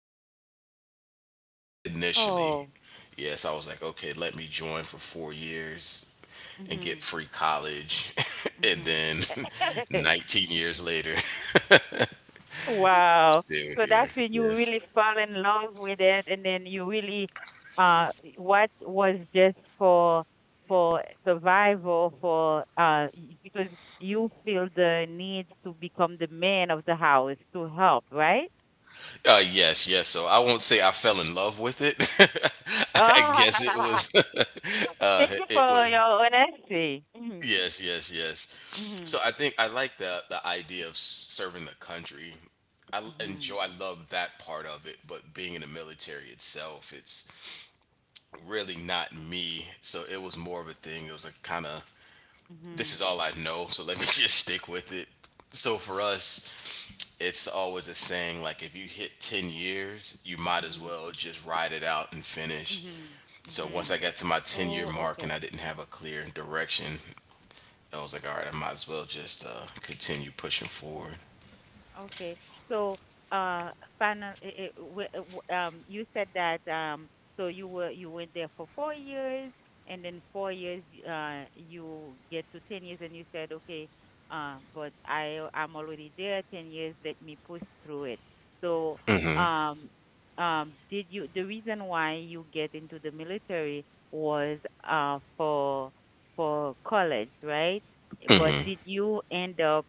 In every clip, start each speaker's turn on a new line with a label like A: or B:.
A: and mine. So
B: Oh.
A: initially, yes, I was like, okay, let me join for 4 years and
B: Hmm.
A: get free college, and
B: Hmm.
A: then 19 years later,
B: Wow.
A: still
B: So
A: here.
B: that's when you
A: Yes.
B: really fell in love with it and then you really uh what was just for survival for because you feel the need to become the man of the house to help, right?
A: Yes, yes. So I won't say I fell in love with it. I guess it was,
B: Thank you
A: it
B: for
A: was,
B: your honesty. Mhm.
A: yes, yes, yes. So
B: Mhm.
A: I think I like the idea of serving the country. Enjoy,
B: Mhm.
A: I love that part of it, but being in the military itself, it's really not me. So it was more of a thing. It was like kind of, this
B: Mhm.
A: is all I know, so let me just stick with it. So for us, it's always a saying like if you hit 10 years you might as
B: Mhm.
A: well just ride it out and finish.
B: Mhm.
A: So once I
B: Mhm.
A: got to my 10-year
B: Oh,
A: mark and
B: okay.
A: I didn't have a clear direction, I was like, all right, I might as well just continue pushing forward.
B: Okay. So, uh, final, it, uh, you said that so you went there for 4 years, and then 4 years, you get to 10 years, and you said, okay, but I'm already there 10 years. Let me push through it. So,
A: hmm
B: um, did you the reason why you get into the military was for college, right? But did you end up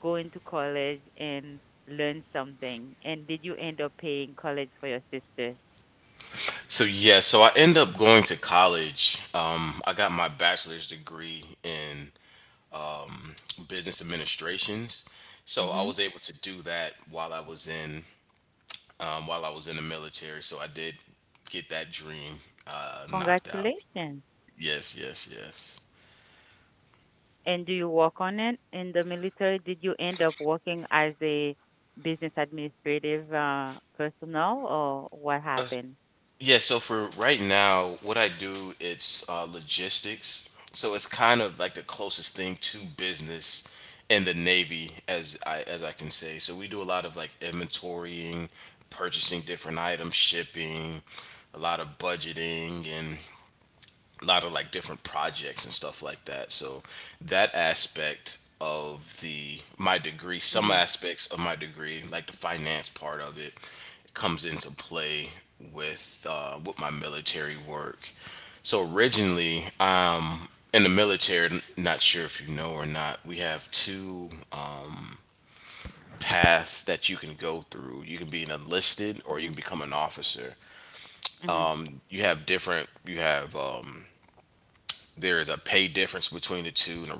B: go into college and learn something? And did you end up paying college for your sister?
A: so yeah, so I end up going to college. I got my bachelor's degree in business administrations, so I
B: Hmm.
A: was able to do that while I was in, while I was in the military. So I did get that dream knocked out.
B: Congratulations.
A: Yes, yes, yes.
B: And do you work on it in the military? Did you end up working as a business administrative personnel, or what
A: Uh, s-
B: happened?
A: yeah, so for right now, what I do, it's logistics. So it's kind of like the closest thing to business in the Navy as I can say. So we do a lot of like inventorying, purchasing different items, shipping, a lot of budgeting and a lot of like different projects and stuff like that. So that aspect of the my degree, some
B: Mhm.
A: aspects of my degree, like the finance part of it, comes into play with my military work. So originally, in the military, not sure if you know or not, we have two paths that you can go through. You can be an enlisted or you
B: Mhm.
A: can become an officer.
B: Mhm.
A: You have different. You have there is a pay difference between the two and a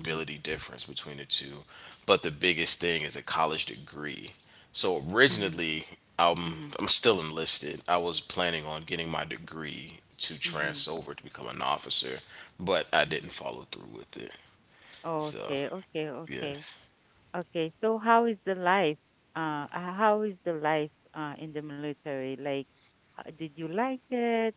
B: Mhm.
A: difference between the two. But the biggest thing is a college degree. So
B: Mhm.
A: originally, I'm,
B: Mhm.
A: I'm still enlisted. I was planning on getting my degree to
B: Mhm.
A: trans over to become an officer, but I
B: Mhm.
A: didn't follow through with it. So,
B: Okay, okay, okay.
A: yes,
B: Okay, so how is the life? How is the life in the military? Like, did you like it?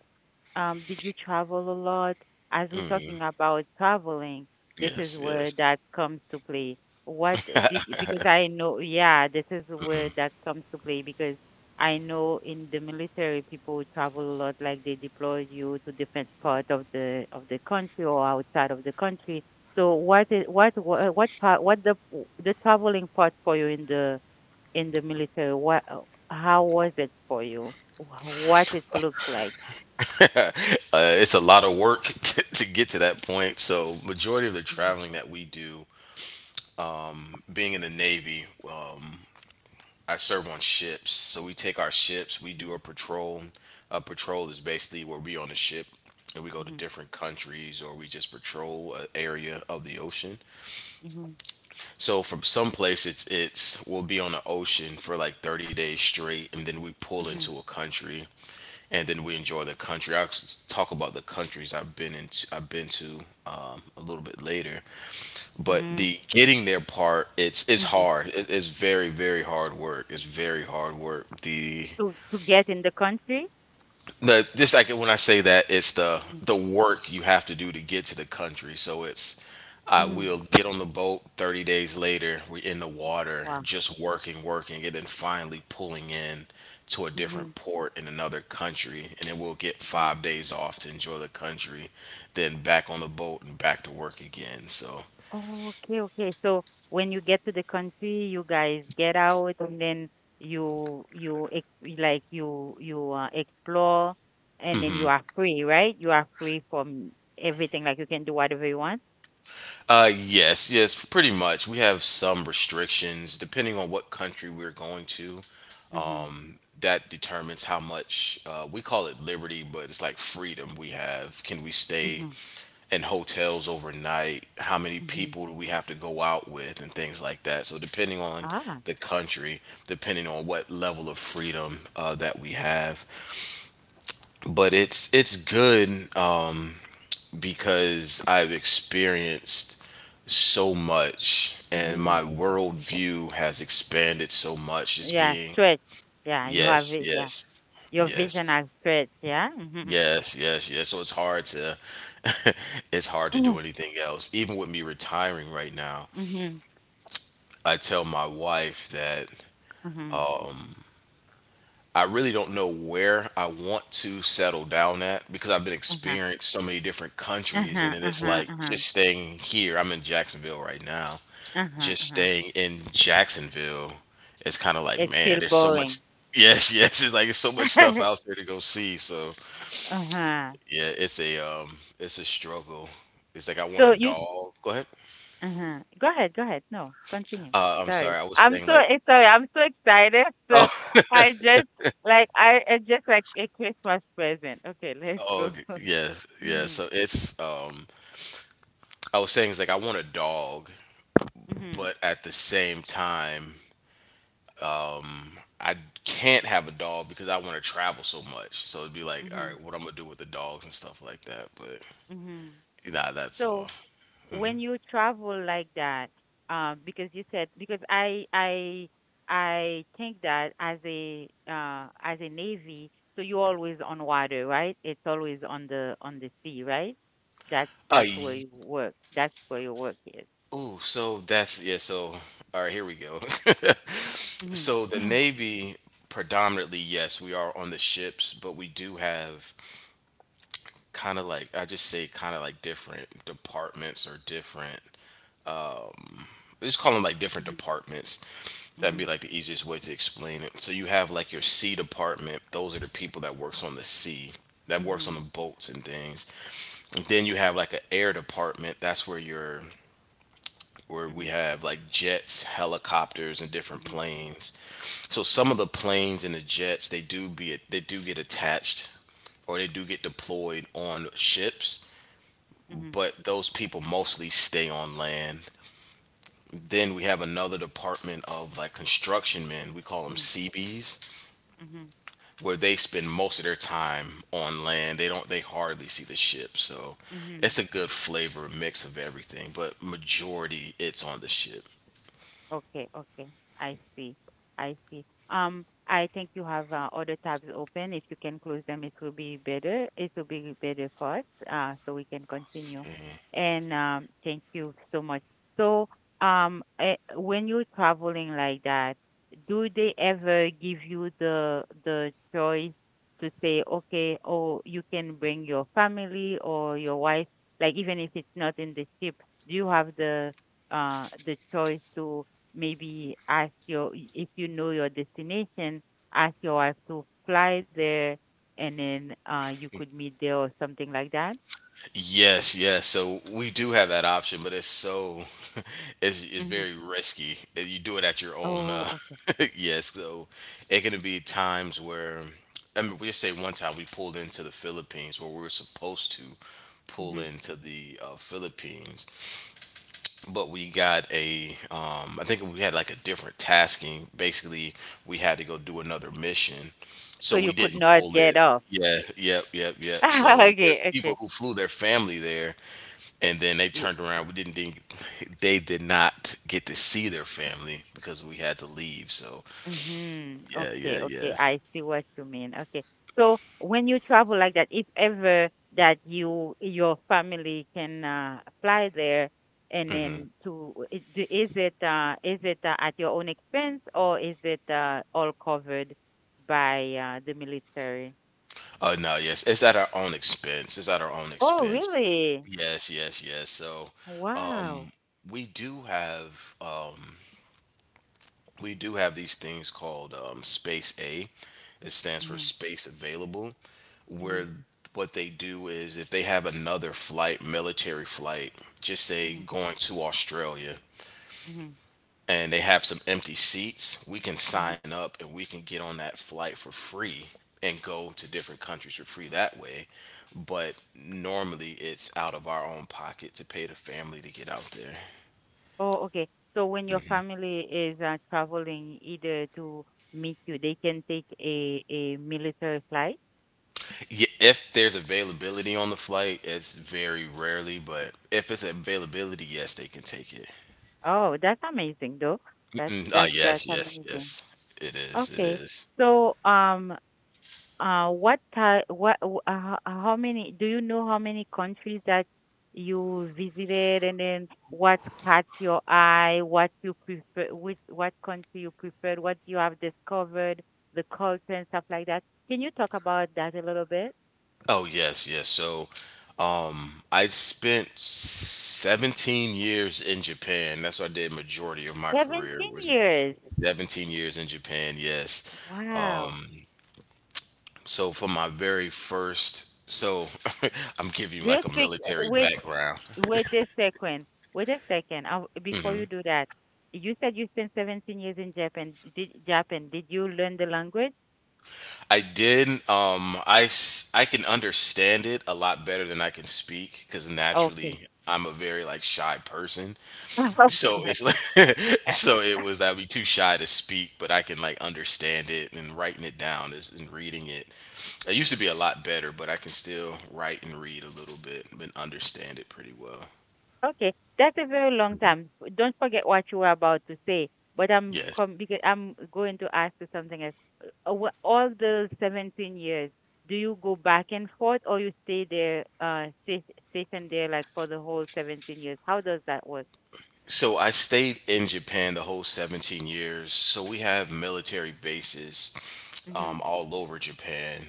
B: Did you travel a lot? As we're talking about traveling, this is
A: yes,
B: where
A: yes.
B: that comes to play. Because I know, yeah, this is where that comes to play because I know in the military people travel a lot, like they deploy you to different part of the country or outside of the country. So what is what wha- what part what the traveling part for you in the military? What How was it for you? What it looked like?
A: uh, it's a lot of work to get to that point. So, majority of the
B: Mm-hmm.
A: traveling that we do, being in the Navy, um, I serve on ships. So we take our ships, we do a patrol. A patrol is basically where we on a ship and we go to
B: Mm-hmm.
A: different countries or we just patrol an area of the ocean.
B: Mm-hmm.
A: So from some place it's we'll be on the ocean for like 30 days straight and then we pull into a country and then we enjoy the country. Talk about the countries I've been to, a little bit later. But
B: Mm-hmm.
A: the getting there part, it's
B: Mm-hmm.
A: hard. It's very very hard work. It's very hard work.
B: To get in the country?
A: The just like when I say that, it's the work you have to do to get to the country. So it's, I
B: Mm-hmm.
A: will get on the boat. 30 days later, we're in the water,
B: Wow.
A: just working, working, and then finally pulling in to a
B: Mm-hmm.
A: different port in another country, and then we'll get 5 days off to enjoy the country, then back on the boat and back to work again. So.
B: Oh, okay, okay. So when you get to the country, you guys get out and then you ex like you explore and then you are free, right? You are free from everything. Like you can do whatever you want.
A: Yes, yes, pretty much. We have some restrictions depending on what country we're going to,
B: Mm-hmm.
A: that determines how much, we call it liberty, but it's like freedom we have. Can we stay
B: Mm-hmm.
A: in hotels overnight? How many
B: Mm-hmm.
A: people do we have to go out with, and things like that? So, depending on
B: Ah.
A: the country, depending on what level of freedom that we have, but it's good, um, because I've experienced so much and
B: Mm-hmm.
A: my worldview has expanded so much as
B: Yeah,
A: being,
B: stretch. Yeah, you have
A: yes,
B: it. Yeah,
A: yes,
B: your vision
A: yes.
B: has stretched. Yeah. Mm-hmm.
A: Yes, yes, yes. So it's hard to it's hard to do anything else. Even with me retiring right now,
B: Mm-hmm.
A: I tell my wife that
B: Mm-hmm.
A: I really don't know where I want to settle down at because I've been
B: Mm-hmm. Uh-huh.
A: experienced so many different countries and
B: Uh-huh.
A: then it's
B: Uh-huh.
A: like
B: Uh-huh.
A: just staying here. I'm in Jacksonville right now.
B: Uh-huh.
A: Just
B: Uh-huh.
A: staying in Jacksonville, it's kind of like,
B: It's
A: man,
B: still
A: there's so
B: boring.
A: much. Yes, yes. It's like it's so much stuff out there to go see. So
B: Uh-huh.
A: yeah, it's a, it's a struggle. It's like I want
B: So
A: a
B: you
A: dog. Go ahead.
B: Uh-huh. Go ahead, go ahead. No, continue.
A: I'm
B: Sorry.
A: sorry. I was
B: I'm
A: saying
B: so
A: like,
B: sorry, I'm so excited. So
A: oh,
B: I just like I it's just like a Christmas present. Okay, let's
A: oh,
B: go.
A: okay, yeah, yeah.
B: Mm-hmm.
A: So it's, I was saying it's like I want a dog,
B: Mm-hmm.
A: but at the same time, um, I can't have a dog because I want to travel so much. So it'd be like, all
B: Mm-hmm.
A: right, what I'm gonna do with the dogs and stuff like that. But
B: Mm-hmm.
A: nah, that's all.
B: So when you travel like that, because you said because I think that as a navy, so you're always on water, right? It's always on the sea, right? that's
A: Uh,
B: that's where you work. That's where your work is.
A: Ooh, so that's, yeah. So all right, here we go.
B: Mhm.
A: So the Navy, predominantly, yes, we are on the ships, but we do have kind of like, different departments or different. Let's call them like different
B: Mhm.
A: departments. That'd be
B: Mhm.
A: like the easiest way to explain it. So you have like your sea department. Those are the people that works on the sea, that works on the
B: Mhm.
A: boats and things. And then you have like an air department. That's where your, where we
B: Mhm.
A: have like jets, helicopters, and different
B: Mhm.
A: planes. So some of the planes and the jets, they do get attached or they do get deployed on ships,
B: Mhm.
A: but those people mostly stay on land. Then we have another department of like construction men. We call them
B: Mhm.
A: CBs,
B: Mhm. Mhm.
A: where they spend most of their time on land. They don't They hardly see the ship. So
B: Mhm.
A: it's a good flavor mix of everything, but majority it's on the ship.
B: Okay, okay. I see. I see. I think you have other tabs open. If you can close them, it will be better. It will be better for us, so we can continue.
A: Mhm.
B: And thank you so much. So, when you're traveling like that, do they ever give you the choice to say, okay, oh, you can bring your family or your wife, like even if it's not in the ship, do you have the choice to Maybe if you know your destination, ask your wife to fly there and then you could meet there or something like that.
A: Yes, yes. So we do have that option, but it's so it's
B: Hmm.
A: very risky. You do it at your own.
B: Oh, okay.
A: Yes, so it can be times where, I mean, we just say one time we pulled into the Philippines where we were supposed to pull
B: Hmm.
A: into the Philippines, but we got a, I think we had like a different tasking. Basically, we had to go do another mission,
B: So
A: so
B: you
A: we
B: could
A: didn't
B: not
A: pull in.
B: get off.
A: Yeah, yep, yep, yep. So there's
B: Okay,
A: people who flew their family there, and then they
B: okay.
A: turned around. We didn't They did not get to see their family because we had to leave. So
B: Mm-hmm.
A: yeah, yeah,
B: Okay, okay.
A: yeah.
B: I see what you mean. Okay. So when you travel like that, if ever that your family can fly there and then is it at your own expense or is it all covered by the military?
A: Oh no, yes, it's at our own expense. It's at our own
B: Oh,
A: expense.
B: really?
A: Yes, yes, yes. So
B: Wow.
A: we do have, we do have these things called, Space A. It stands for
B: Mm-hmm.
A: Space Available,
B: Mm-hmm.
A: where what they do is if they have another flight, military flight, just say
B: Mm-hmm.
A: going to Australia,
B: Mm-hmm.
A: and they have some empty seats, we can sign up and we can get on that flight for free and go to different countries for free that way. But normally it's out of our own pocket to pay the family to get out there.
B: Oh, okay. So when your family is traveling either to meet you, they can take a military flight.
A: If there's availability on the flight, it's very rarely, but if it's availability, yes, they can take it.
B: Oh, that's amazing though. That's
A: Mm, ah,
B: that's that's
A: yes, yes,
B: amazing.
A: yes. It is. It
B: Okay.
A: is.
B: So what type what w- ho- how many do you know how many countries that you visited and then what caught your eye, what country you preferred, what you have discovered, the culture and stuff like that. Can you talk about that a little bit?
A: Oh yes, yes. So, I spent 17 years in Japan. That's what I did majority of my career
B: 17
A: was
B: years.
A: 17 years in Japan. Yes.
B: Wow.
A: Um, so for my very first, so I'm giving you
B: Do
A: like
B: you
A: a
B: speak?
A: military
B: Wait,
A: background.
B: wait a second. Wait a second. Before you do that, you said you spent 17 years in Japan. Did Japan? Did you learn the language?
A: I did. I can understand it a lot better than I can speak because naturally
B: Okay.
A: I'm a very like shy person. So it's like, so it was I'd be too shy to speak, but I can like understand it and writing it down is and reading it. I used to be a lot better, but I can still write and read a little bit and understand it pretty well.
B: Okay, that's a very long time. Don't forget what you were about to say. But
A: Yes.
B: because I'm going to ask you something else. All the 17 years, do you go back and forth or you stay stationed there like for the whole 17 years? How does that work?
A: So I stayed in Japan the whole 17 years. So we have military bases
B: Hmm.
A: all over Japan,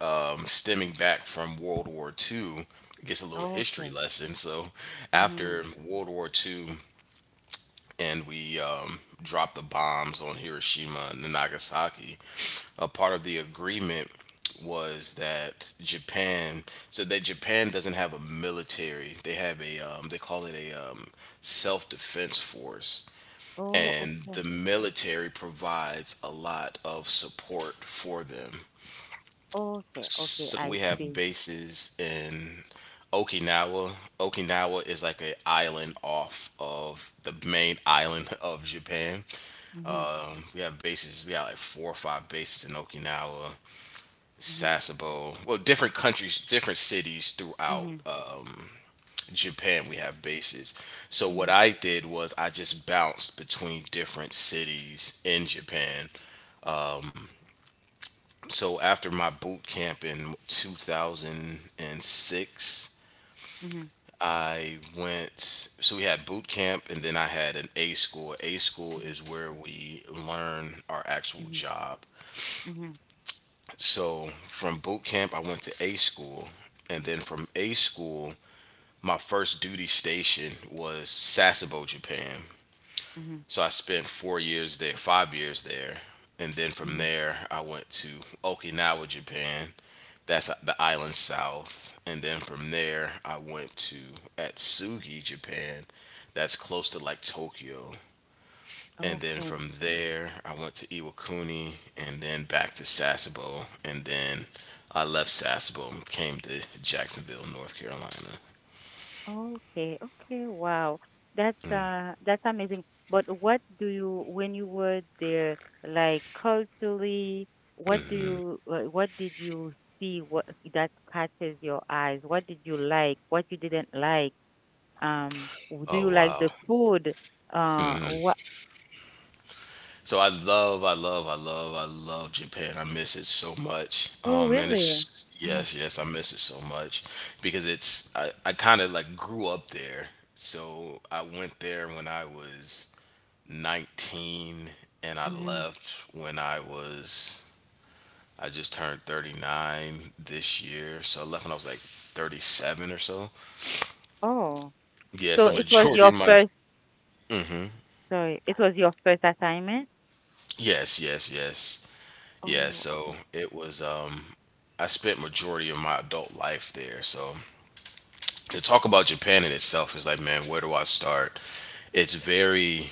A: stemming back from World War Two. I guess a little history
B: Okay.
A: lesson. So
B: Hmm.
A: after World War Two, and we dropped the bombs on Hiroshima and Nagasaki, a part of the agreement was that Japan, so that Japan doesn't have a military. They have they call it a self defense force.
B: Oh,
A: And the
B: okay.
A: military provides a lot of support for them.
B: Okay. Okay.
A: So
B: I
A: we have
B: see.
A: bases in Okinawa. Okinawa is like an island off of the main island of Japan.
B: Hmm.
A: We have bases. We have like four or five bases in Okinawa,
B: Hmm.
A: Sasebo. Well, different countries, different cities throughout
B: Hmm.
A: Japan. We have bases. So what
B: Hmm.
A: I did was I just bounced between different cities in Japan. So after my boot camp in 2006.
B: Hmm.
A: I went, so we had boot camp and then I had an A school. A school
B: Hmm.
A: is where we learn our actual
B: Hmm.
A: job.
B: Hmm.
A: So from boot camp, I went to A school, and then from A school, my first duty station was Sasebo, Japan.
B: Hmm.
A: So I spent 4 years there, 5 years there, and then from
B: Hmm.
A: there, I went to Okinawa, Japan. That's the island south, and then from there, I went to Atsugi, Japan. That's close to like Tokyo, and then
B: Okay.
A: from there, I went to Iwakuni and then back to Sasebo. And then I left Sasebo and came to Jacksonville, North Carolina.
B: Okay, okay, wow. That's amazing. But what do you when you were there, like culturally, what did you see what that catches your eyes? What did you like? What you didn't like? Do
A: Oh,
B: you like
A: wow.
B: the food? What?
A: So I love, I love, I love, I love Japan. I miss it so much.
B: Oh,
A: Oh, man,
B: really?
A: it's,
B: Mm.
A: yes, yes, I miss it so much because it's, I kind of like grew up there. So I went there when I was 19 and I
B: Mm-hmm.
A: left when I was I just turned 39 this year, so I left when I was like 37 or so.
B: Oh,
A: Yeah,
B: so
A: so
B: it was
A: majority
B: your
A: of my
B: first, sorry, it was your first assignment?
A: yes, yes, yes. Yeah,
B: Oh.
A: so it was I spent majority of my adult life there. So to talk about Japan in itself is like, man, where do I start? It's very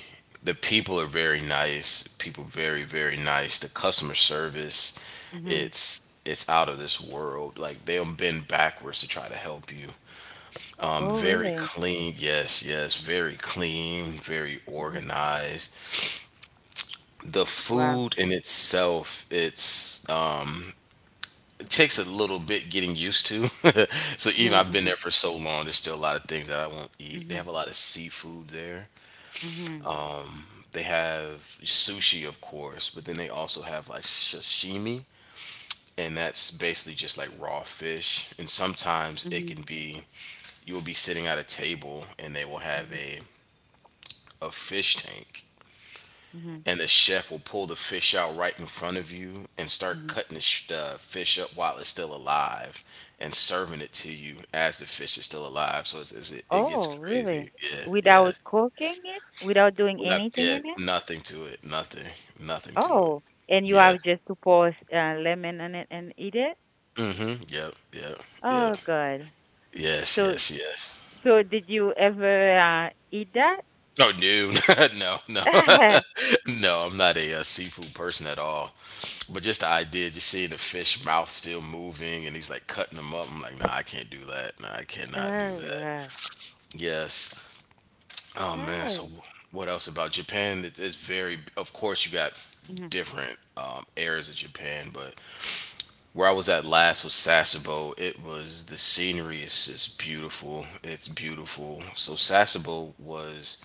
A: the people are very nice. People very, very nice. The customer service,
B: Mm-hmm.
A: it's out of this world. Like they'll bend backwards to try to help you. I'm
B: Oh,
A: very
B: really?
A: clean. Yes, yes, very clean, very
B: Hmm.
A: organized. The
B: Wow.
A: food in itself, it's it takes a little bit getting used to. So even I've
B: Mm-hmm.
A: been
B: Mm-hmm.
A: there for so long, there's still a lot of things that I won't eat. They
B: Mhm.
A: have a lot of seafood there.
B: Mhm.
A: They have sushi, of course, but then they also have like sashimi, and that's basically just like raw fish. And sometimes it
B: Mhm.
A: can be you will be sitting at a table and they will have
B: Mhm.
A: a fish tank
B: Mhm.
A: and the chef will pull the fish out right in front of you and start
B: Mhm.
A: cutting the fish up while it's still alive and serving it to you as the fish is still alive. So it gets
B: Oh, really?
A: crazy. Yeah, yeah.
B: Without cooking it? Without doing
A: Without,
B: anything
A: yeah,
B: in it?
A: nothing to it. Nothing. Nothing to it.
B: Oh, and you
A: Yeah.
B: have just to pour lemon on it and eat it?
A: Mm-hmm. Yep. Yep.
B: Oh,
A: Yep.
B: God.
A: Yes.
B: So,
A: Yes. Yes.
B: did you ever eat that?
A: Oh, no, no, no, no! I'm not a, seafood person at all. But just the idea, just seeing the fish mouth still moving and he's like cutting them up. I'm like, nah, I can't do that. Nah, I cannot do
B: Oh, yeah.
A: that. Yes. Oh man. So
B: Oh.
A: what else about Japan? It's very. Of course, you got
B: Mhm.
A: different areas of Japan, but where I was at last was Sasebo. It was the scenery is just beautiful. It's beautiful. So Sasebo was.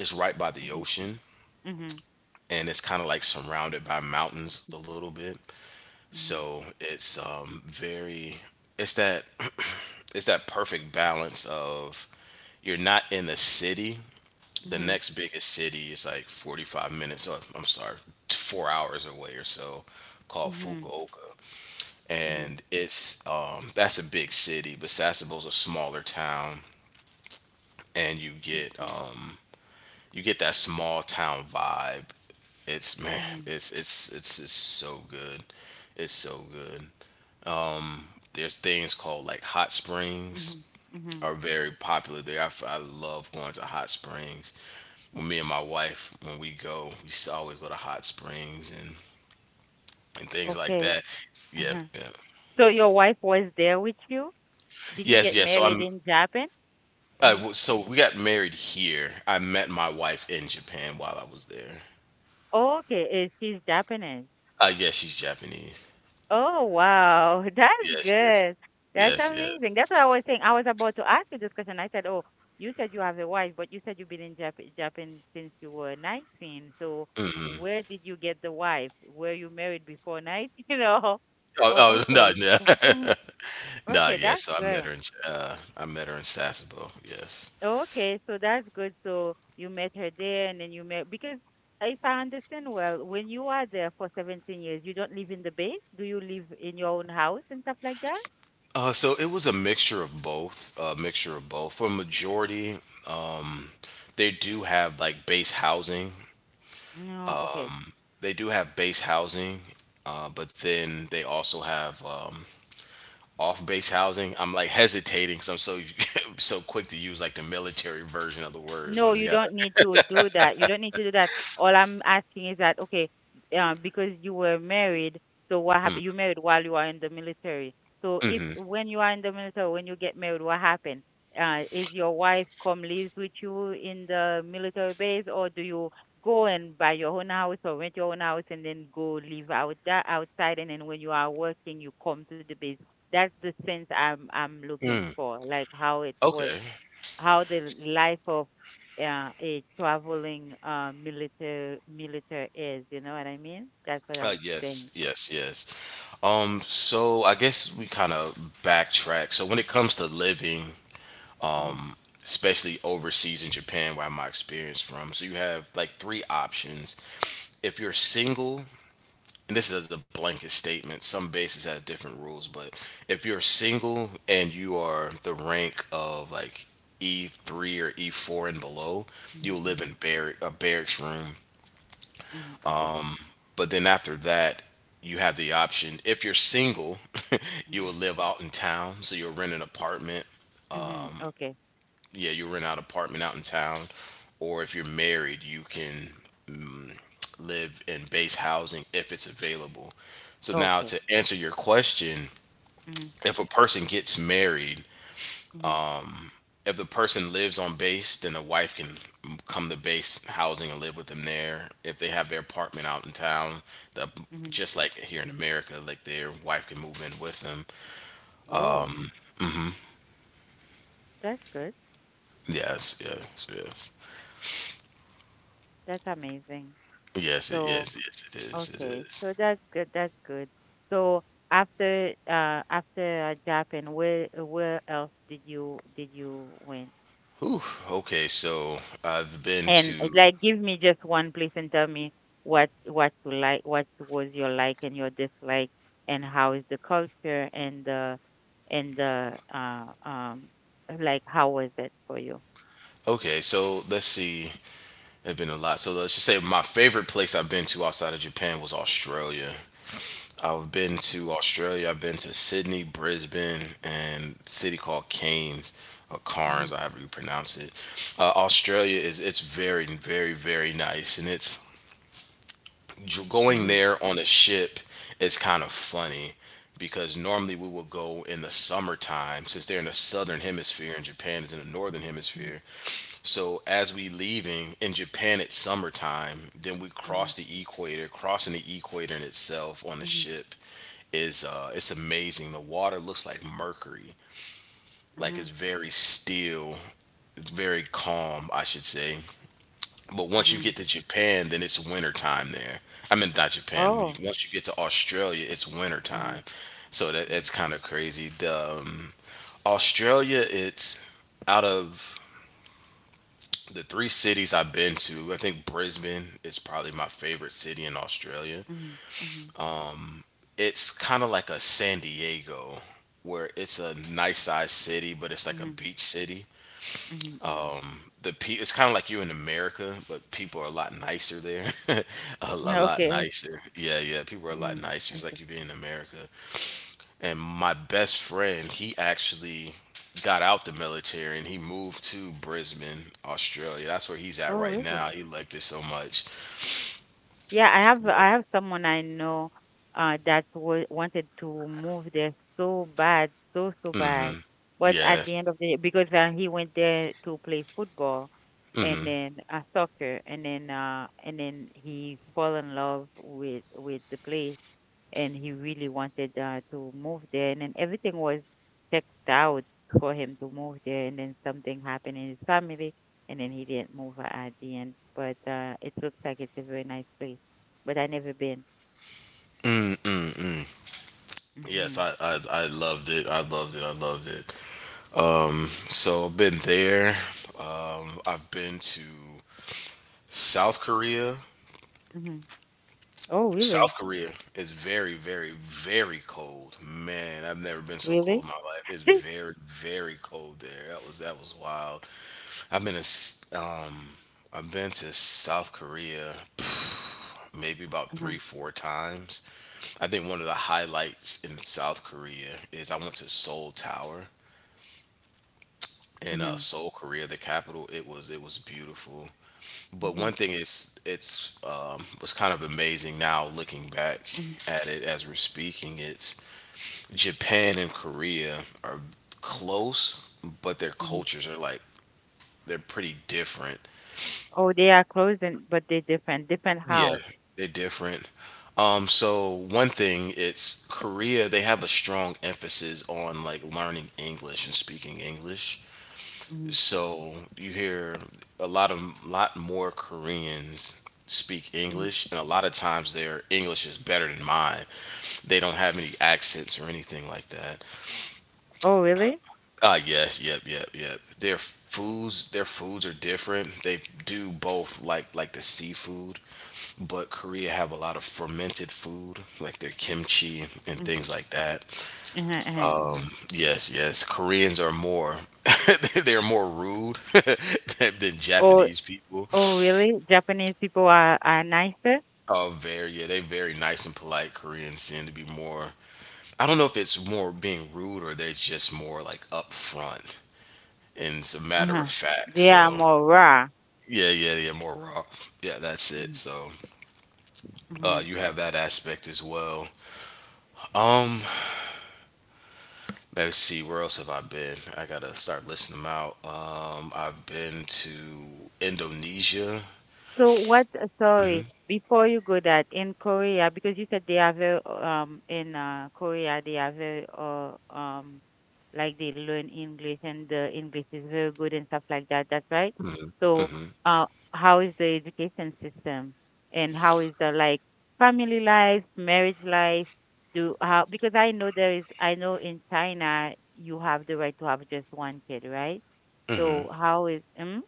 A: It's right by the
B: Mhm.
A: ocean,
B: Mhm.
A: and it's kind of like surrounded by mountains a little bit. So it's very it's that it's that perfect balance of you're not in the city. The
B: Mhm.
A: next biggest city is like 45 minutes. Or, I'm sorry, 4 hours away or so,
B: Mhm.
A: called
B: Mhm.
A: Fukuoka,
B: Mhm.
A: and it's that's a big city, but Sasebo's a smaller town, and you get that small town vibe. It's man,
B: Mhm. Mhm.
A: it's so good. It's so good. There's things called like hot springs
B: Mhm. Mhm.
A: are very popular there. I love going to hot springs. When me and my wife, when we go, always go to hot springs and things like
B: Okay.
A: that. Yeah,
B: Uh-huh.
A: yeah.
B: So your wife was there with you? Did you
A: Yes,
B: get
A: yes. So
B: married
A: I'm.
B: in Japan?
A: Uh,
B: In
A: w- so we got married here. I met my wife in Japan while I was there.
B: Oh, okay, she's Japanese.
A: Yes, she's Japanese.
B: Oh wow, that's
A: Yes, yes,
B: good. That's
A: yes, yes.
B: amazing. That's what I was saying. I was about to ask you this question. I said, "Oh, you said you have a wife, but you said you've been in Japan since you were 19. So where did you get the wife? Were you married before 19? You know?
A: Oh,
B: Oh,
A: oh no,
B: okay.
A: no, no.
B: Okay, that's
A: Yes, so I
B: good.
A: met her in I met her in Sasebo. Yes.
B: Okay, so that's good. So you met her there, and then you met because if I understand well, when you are there for 17 years, you don't live in the base. Do you live in your own house and stuff like that?
A: So it was a mixture of both. A mixture of both. For a majority, they do have like base housing.
B: No, okay.
A: They do have base housing, but then they also have off base housing. I'm like hesitating because I'm so so quick to use like the military version of the words. I
B: No,
A: just
B: you
A: gotta.
B: don't need to do that. You don't need to do that. All I'm asking is that, okay, because you were married, so what happened? You married while you are in the military. So if
A: Hmm.
B: when you are in the military, when you get married, what happened? Is your wife come lives with you in the military base, or do you go and buy your own house or rent your own house and then go live out that outside? And then when you are working, you come to the base. That's the sense I'm looking
A: Mm.
B: for, like how it works
A: Okay.
B: how the life of a traveling military is. You know what I mean? That's what I'm saying.
A: Yes, yes, yes. So I guess we kind of backtrack. So when it comes to living,
B: Mm-hmm.
A: especially overseas in Japan, where I'm my experience from, so you have like three options. If you're single, and this is a blanket statement. Some bases have different rules, but if you're single and you are the rank of like E3 or E4 and below, you'll
B: Mm-hmm.
A: live
B: Mm-hmm.
A: in barrack a barracks room.
B: Mm-hmm. Okay.
A: But then after that, you have the option. If you're single, you
B: Mm-hmm.
A: will live out in town, so you'll rent an apartment.
B: Mm-hmm. Okay.
A: Yeah, you rent out an apartment out in town, or if you're married, you can live in base housing if it's available. So now
B: Okay.
A: to answer your question,
B: Mm-hmm.
A: if a person gets married,
B: Mm-hmm.
A: if the person lives on base, then the wife can come to base housing and live with them there. If they have their apartment out in town, the
B: Mm-hmm.
A: just like here in America, like their wife can move in with them.
B: Oh, that's good.
A: Yes, yes, yes,
B: That's amazing.
A: yes, it
B: So,
A: is, yes, yes, it is, it
B: okay.
A: is.
B: So that's good. That's good. So after Japan, where else did you went?
A: Whew, okay, so I've been
B: And it's
A: to.
B: like, give me just one place and tell me what you like, what was your like and your dislike, and how is the culture and the like how was it for you?
A: Okay, so let's see. I've been a lot. So let's just say my favorite place I've been to outside of Japan was Australia. I've been
B: Okay.
A: to Australia. I've been to Sydney, Brisbane, and a city called Cairns or Carnes,
B: Mhm.
A: however you pronounce it. Australia is it's very, very, very nice, and going
B: Mhm.
A: there on a ship is kind of funny because normally we will go in the summertime since they're in the southern hemisphere and Japan is in the northern
B: Mhm.
A: hemisphere. So as we leaving in Japan, it's summertime. Then we
B: Mhm.
A: cross the equator. Crossing the equator in itself on the
B: Mhm.
A: ship is it's amazing. The water looks like mercury. Like
B: Mhm.
A: it's very still. It's very calm, I should say. But once you
B: Mhm.
A: get to Japan, then it's winter time there. I mean, not Japan. When you,
B: Oh.
A: once you get to Australia, it's winter
B: Mhm.
A: time. So that
B: Mhm.
A: it's kind of crazy. The Australia, it's out of the three cities I've been to, I think Brisbane is probably my favorite city in Australia.
B: Mhm. Mhm.
A: It's kind of like a San Diego, where it's a nice sized city, but it's like a
B: Mhm.
A: beach city.
B: Mhm. Mhm.
A: It's kind of like you in America, but people are a lot nicer there, a
B: Yeah,
A: lot
B: okay, okay.
A: nicer. Yeah, yeah, people are a lot
B: Mhm.
A: nicer. It's like
B: Okay.
A: you being in America. And my best friend, he actually got out the military and he moved to Brisbane, Australia. That's where he's at
B: Oh,
A: right
B: really?
A: now. He liked it so much.
B: Yeah, I have, I have someone I know that wa wanted to move there so bad, so bad.
A: Hmm.
B: But at
A: Yes.
B: the end of the because he went there to play football and
A: Hmm.
B: then soccer, and then he fell in love with the place, and he really wanted to move there. And then everything was checked out for him to move there. And then something happened in his family, and then he didn't move at the end. But it looks like it's a very nice place. But I never been.
A: Yes,
B: Hmm.
A: I I loved it. I loved it. I loved it. So I've been there. I've been to South Korea.
B: Hmm. Oh, really?
A: South Korea is very, very, very cold. Man, I've never been so cold
B: Really?
A: in my life. It's very, very cold there. That was wild. I've been to I've been to South Korea. Maybe about
B: Hmm.
A: three, four times. I think one of the highlights in South Korea is I went to Seoul Tower in
B: Hmm.
A: Seoul, Korea, the capital. It was beautiful. But
B: Hmm.
A: one thing it's was kind of amazing now looking back
B: Hmm.
A: at it as we're speaking. It's Japan and Korea are close, but their
B: Hmm.
A: cultures are like they're pretty different.
B: Oh, they are closing, but they're different. Different
A: Yeah,
B: how?
A: they're different. So one thing, it's Korea, they have a strong emphasis on like learning English and speaking English.
B: Hmm.
A: So you hear a lot of lot more Koreans speak
B: Hmm.
A: English, and a lot of times their English is better than mine. They don't have any accents or anything like that.
B: Oh, really?
A: Ah, yes, yep, yep, yep. Their foods are different. They do both, like the seafood, but Korea have a lot of fermented food, like their kimchi and things
B: Mm-hmm.
A: like that.
B: Uh-huh, uh-huh, uh-huh.
A: Yes, yes. Koreans are more, they're more rude than
B: Oh.
A: Japanese people.
B: Oh, really? Japanese people are nicer?
A: Oh, very, yeah, they very nice and polite. Koreans seem to be more. I don't know if it's more being rude or they're just more like upfront and it's a matter
B: Uh-huh.
A: of fact.
B: They are
A: So
B: more raw.
A: yeah, yeah, yeah, more raw. Yeah, that's it.
B: Mhm.
A: So
B: Hmm.
A: you have that aspect as well. Um, let's see, where else have I been? I gotta start listing them out. I've been to Indonesia.
B: So
A: hmm
B: sorry, before you go that, in Korea, because you said they are very, in Korea, they are very, like they learn English and the English is very good and stuff like that. That's right. So, uh, how is the education system and how is the like family life, marriage life? Do how, because I know there is, I know in China you have the right to have just one kid, right? So how is, mm?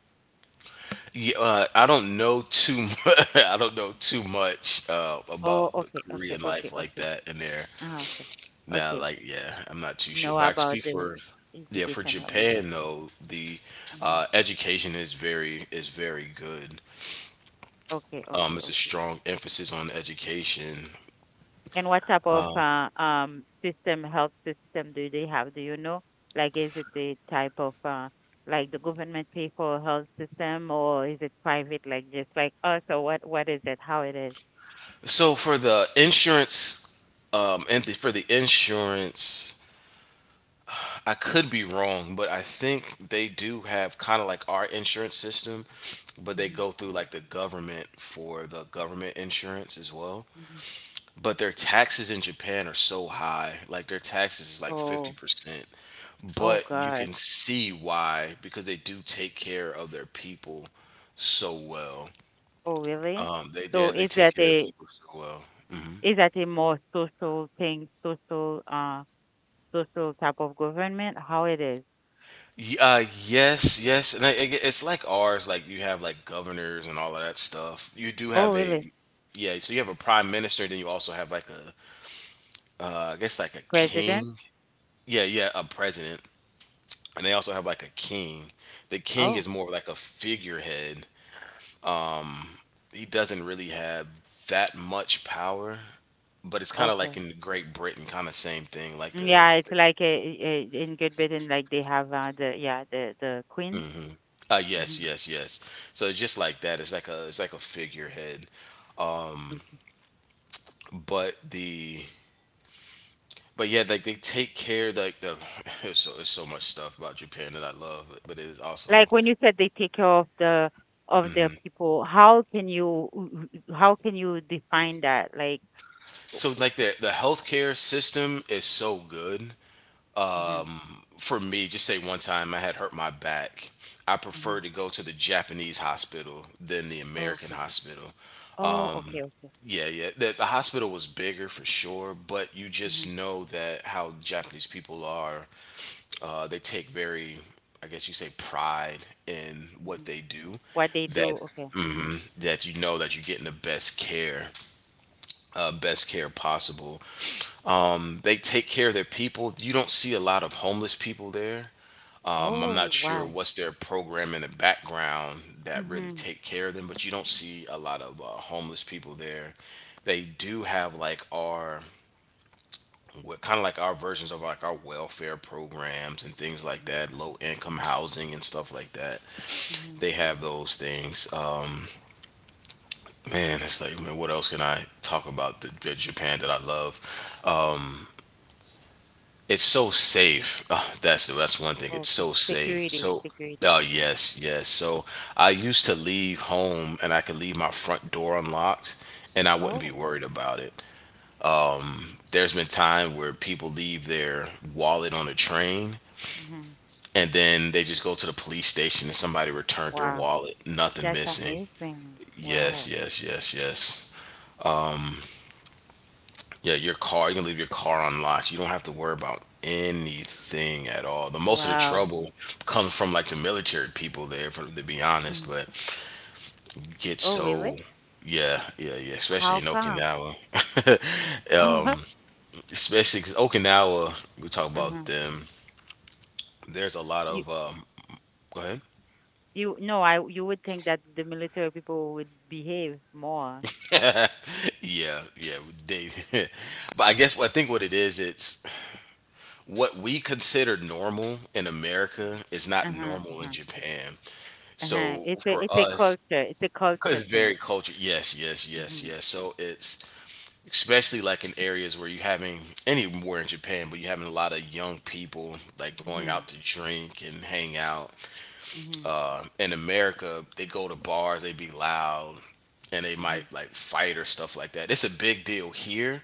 A: Yeah, I don't know too. Much, I don't know too much about
B: Oh,
A: the
B: okay, okay,
A: Korean
B: okay,
A: life like
B: okay.
A: that in there.
B: Ah, okay.
A: Now,
B: Okay.
A: like, yeah, I'm not too sure,
B: Know
A: but I can
B: about
A: speak
B: the
A: for, yeah, for
B: educational anything.
A: Japan though. The
B: Hmm.
A: education is very good.
B: Okay, okay,
A: It's a
B: okay.
A: strong emphasis on education.
B: And what type of
A: Um,
B: system, health system do they have? Do you know? Like, is it the type of like the government pay for a health system, or is it private, like just like us, or what? What is it? How its
A: so for the insurance, and the, for the insurance, I could be wrong, but I think they do have kind of like our insurance system, but they
B: Mm-hmm.
A: go through like the government for the government insurance as well.
B: Mm-hmm.
A: But their taxes in Japan are so high, like their taxes is like
B: Oh,
A: 50%.
B: oh
A: But you
B: God.
A: can see why, because they do take care of their people so well.
B: Oh, really?
A: Um, they they
B: So
A: they take care of their people so well.
B: is that a more social thing, social social type of government? How it is?
A: Yes, yes, and it's like ours. Like you have like governors and all of that stuff. You do
B: Oh,
A: have a,
B: really?
A: yeah. So you have a prime minister. Then you also have like a, I guess like a
B: President?
A: king. Yeah, yeah, a president, and they also have like a king. The king
B: Oh,
A: is more like a figurehead. He doesn't really have that much power, but it's kind of like
B: okay.
A: in Great Britain, kind of same thing. Like
B: Mm,
A: the
B: yeah, it's like in Great Britain, like they have the, yeah, the Queen.
A: uh, yes,
B: Hmm.
A: yes, yes. So it's just like that, it's like a figurehead.
B: Okay.
A: But the but yeah, like they take care like the there's so much stuff about Japan that I love, but it is also
B: Like when you said they take care of the people, how can you define that? Like,
A: so like the healthcare system is so good.
B: Hmm.
A: For me, just say one time I had hurt my back. I
B: Hmm.
A: prefer to go to the Japanese hospital than the
B: Oh,
A: American
B: okay.
A: hospital.
B: Oh, okay, okay.
A: Yeah, yeah. The hospital was bigger for sure, but you
B: Hmm.
A: just know that how Japanese people are they take very, I guess you say, pride in what
B: Hmm.
A: they do.
B: What they do?
A: That
B: Okay.
A: that you know that you're getting the best care possible. They take care of their people. You don't see a lot of homeless people there. I'm
B: Oh,
A: not sure
B: wow.
A: what's their program in the background that really
B: Mm-hmm.
A: take care of them, but you don't see a lot of homeless people there. They do have like our what kind of like our versions of like our welfare programs and things like
B: Mm-hmm.
A: that, low income housing and stuff like that.
B: Hmm.
A: They have those things. Man, it's like, man, what else can I talk about the Japan that I love? It's so safe. That's one thing. It's
B: Okay.
A: so safe.
B: Security,
A: So
B: security.
A: oh
B: Hmm.
A: yes, yes. So I used to leave home and I could leave my front door unlocked, and I wouldn't be
B: Oh.
A: worried about it. There's been time where people leave their wallet on a train
B: Hmm.
A: and then they just go to the police station and somebody returned their
B: Wow.
A: wallet, nothing
B: That's
A: missing.
B: amazing.
A: Yes,
B: Wow.
A: yes, yes, yes. Yeah, your car, you can leave your car unlocked. You don't have to worry about anything at all. The most of the
B: Wow.
A: trouble comes from like the military people there, for, to be honest.
B: Mhm.
A: But you get
B: Oh, really?
A: so, yeah, yeah, yeah, especially
B: How
A: in
B: come?
A: Okinawa. um, especially 'cause Okinawa, we talk
B: Uh-huh.
A: about
B: Uh-huh.
A: them. There's a lot
B: You
A: of, go ahead.
B: you No, I you would think that the military people would behave more.
A: Yeah, yeah, they. But I guess what I think what it is, it's what we consider normal in
B: Mm.
A: America is not
B: Uh-huh.
A: normal in
B: Uh-huh.
A: Japan.
B: Uh-huh.
A: So
B: It's a
A: for
B: it's a
A: us,
B: culture. It's a
A: because
B: culture
A: it's
B: thing.
A: very cultured. Yes, yes, yes,
B: Mhm.
A: yes. So it's especially like in areas where you having anywhere in Japan, but you having a lot of young people like going out
B: Mhm.
A: to drink and hang out.
B: Mhm.
A: In America, they go to bars, they be loud, and they might
B: Mhm.
A: like fight or stuff like that. It's a big deal here,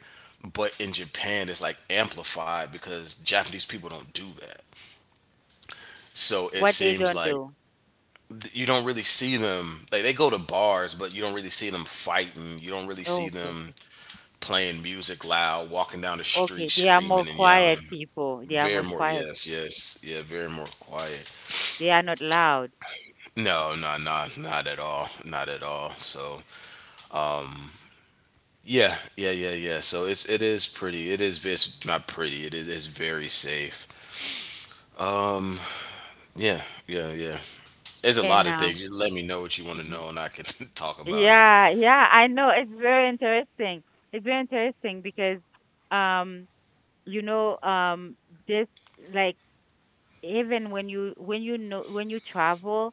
A: but in Japan, it's like amplified because Japanese people don't do that. So it
B: What they
A: seems
B: don't
A: like
B: do.
A: you don't really see them like they go to bars, but you don't really see them fighting. You don't really see
B: Oh, okay,
A: them
B: okay.
A: playing music loud, walking down the street
B: Okay, they are
A: screaming
B: more
A: and yelling.
B: quiet people. They are
A: Very
B: more
A: more,
B: quiet.
A: yes, yes, yeah, very more quiet.
B: They are not loud.
A: No, no, no, not at all, not at all. So yeah, yeah, yeah, yeah. So it's it is pretty. It is it's not pretty. It is it's very safe. Um, yeah, yeah, yeah. There's a lot
B: And
A: of things. Just let me know what you want to
B: Mm-hmm.
A: know, and I can talk about it.
B: Yeah, yeah, I know. It's very interesting. It's very interesting because um you know um this like even when you know when you travel,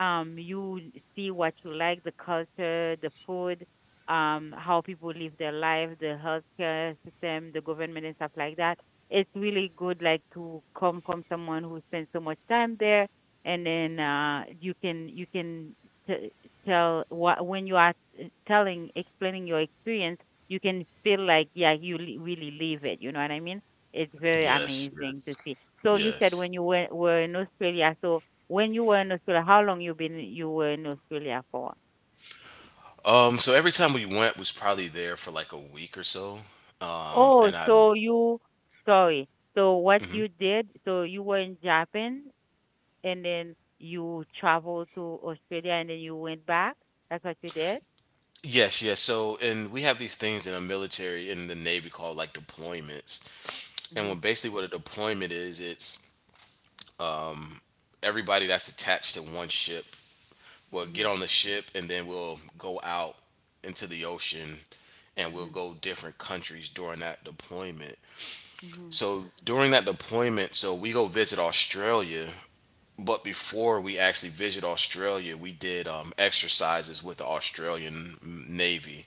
B: you see what you like, the culture, the food, how people live their life, the healthcare system, the government and stuff like that. It's really good like to come from someone who spends so much time there. And then you can t- tell what when you are telling, explaining your experience, you can feel like, yeah, you really live it, you know what I mean. It's very
A: Yes,
B: amazing to see. So you said
A: yes.
B: when you were in Australia. So when you were in Australia, how long you were in Australia for?
A: So every time we went was probably there for like a week or so.
B: Oh,
A: And I
B: so you sorry. So what
A: mm-hmm.
B: you did? So you were in Japan and then you traveled to Australia and then you went back. That's what you did.
A: Yes, yes. So, and we have these things in the military, in the Navy, called like deployments. And when
B: Mhm.
A: basically what a deployment is, it's everybody that's attached to one ship will get
B: Mhm.
A: on the ship and then we'll go out into the ocean and we'll
B: Mhm.
A: go different countries during that deployment.
B: Mhm.
A: So, during that deployment, so we go visit Australia, but before we actually visit Australia, we did exercises with the Australian Navy.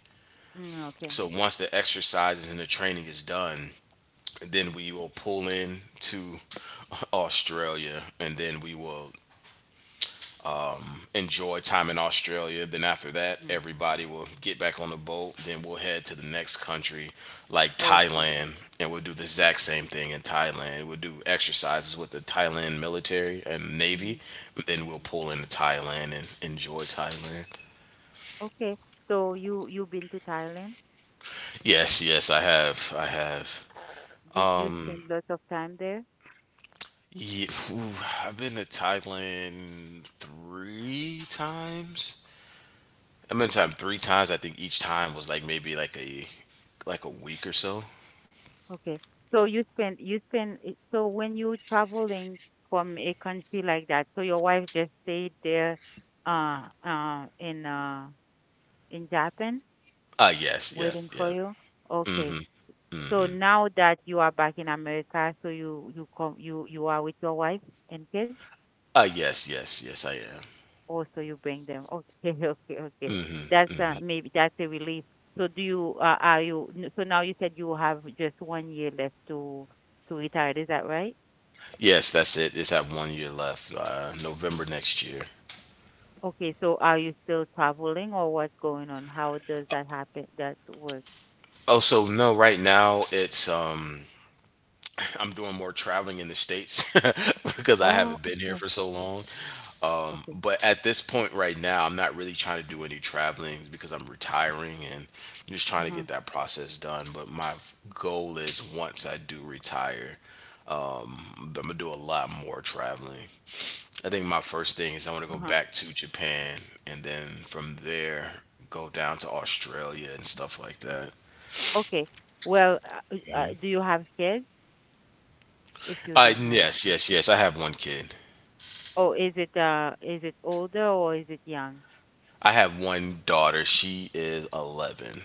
B: Mm, okay.
A: So once the exercises and the training is done, and then we will pull in to Australia, and then we will enjoy time in Australia. Then after that,
B: Mhm.
A: everybody will get back on the boat. Then we'll head to the next country, like
B: Okay.
A: Thailand, and we'll do the exact same thing in Thailand. We'll do exercises with the Thailand military and
B: Mhm.
A: navy. Then we'll pull into Thailand and enjoy Thailand.
B: Okay. So you been to Thailand?
A: Yes, yes, I have, I have.
B: Did you spend lots of time there?
A: Yeah, I've been to Thailand 3 times. I've been to him 3 times. I think each time was like maybe like a week or so.
B: Okay. So so when you traveling from a country like that, so your wife just stayed there uh uh in uh in Japan
A: Yes, yeah,
B: waiting for
A: yeah.
B: you? Okay.
A: Mm-hmm.
B: So
A: Mm-hmm.
B: now that you are back in America, so you come, you are with your wife and kids?
A: Yes, yes, yes, I
B: Or so you bring them. Okay, okay, okay.
A: am. Mm-hmm.
B: That's maybe that's a relief. So do you are you n- so now you said you have just one year left to retire, is that right?
A: Yes, that's it. It's at 1 year left. November next year.
B: Okay, so are you still traveling or what's going on? How does that happen? That work?
A: Oh, so no, right now it's I'm doing more traveling in the States because I
B: Oh,
A: haven't been here
B: okay,
A: for so long.
B: okay.
A: But at this point right now, I'm not really trying to do any traveling because I'm retiring and I'm just trying to
B: Uh-huh,
A: get that process done. But my goal is once I do retire, I'm gonna do a lot more traveling. I think my first thing is I want to go
B: uh-huh.
A: back to Japan and then from there go down to Australia and stuff like that.
B: Okay. Well, do you have kids, if you don't mind?
A: Yes, yes, yes. I have one kid.
B: Oh, is it older or is it young?
A: I have one daughter. She is 11.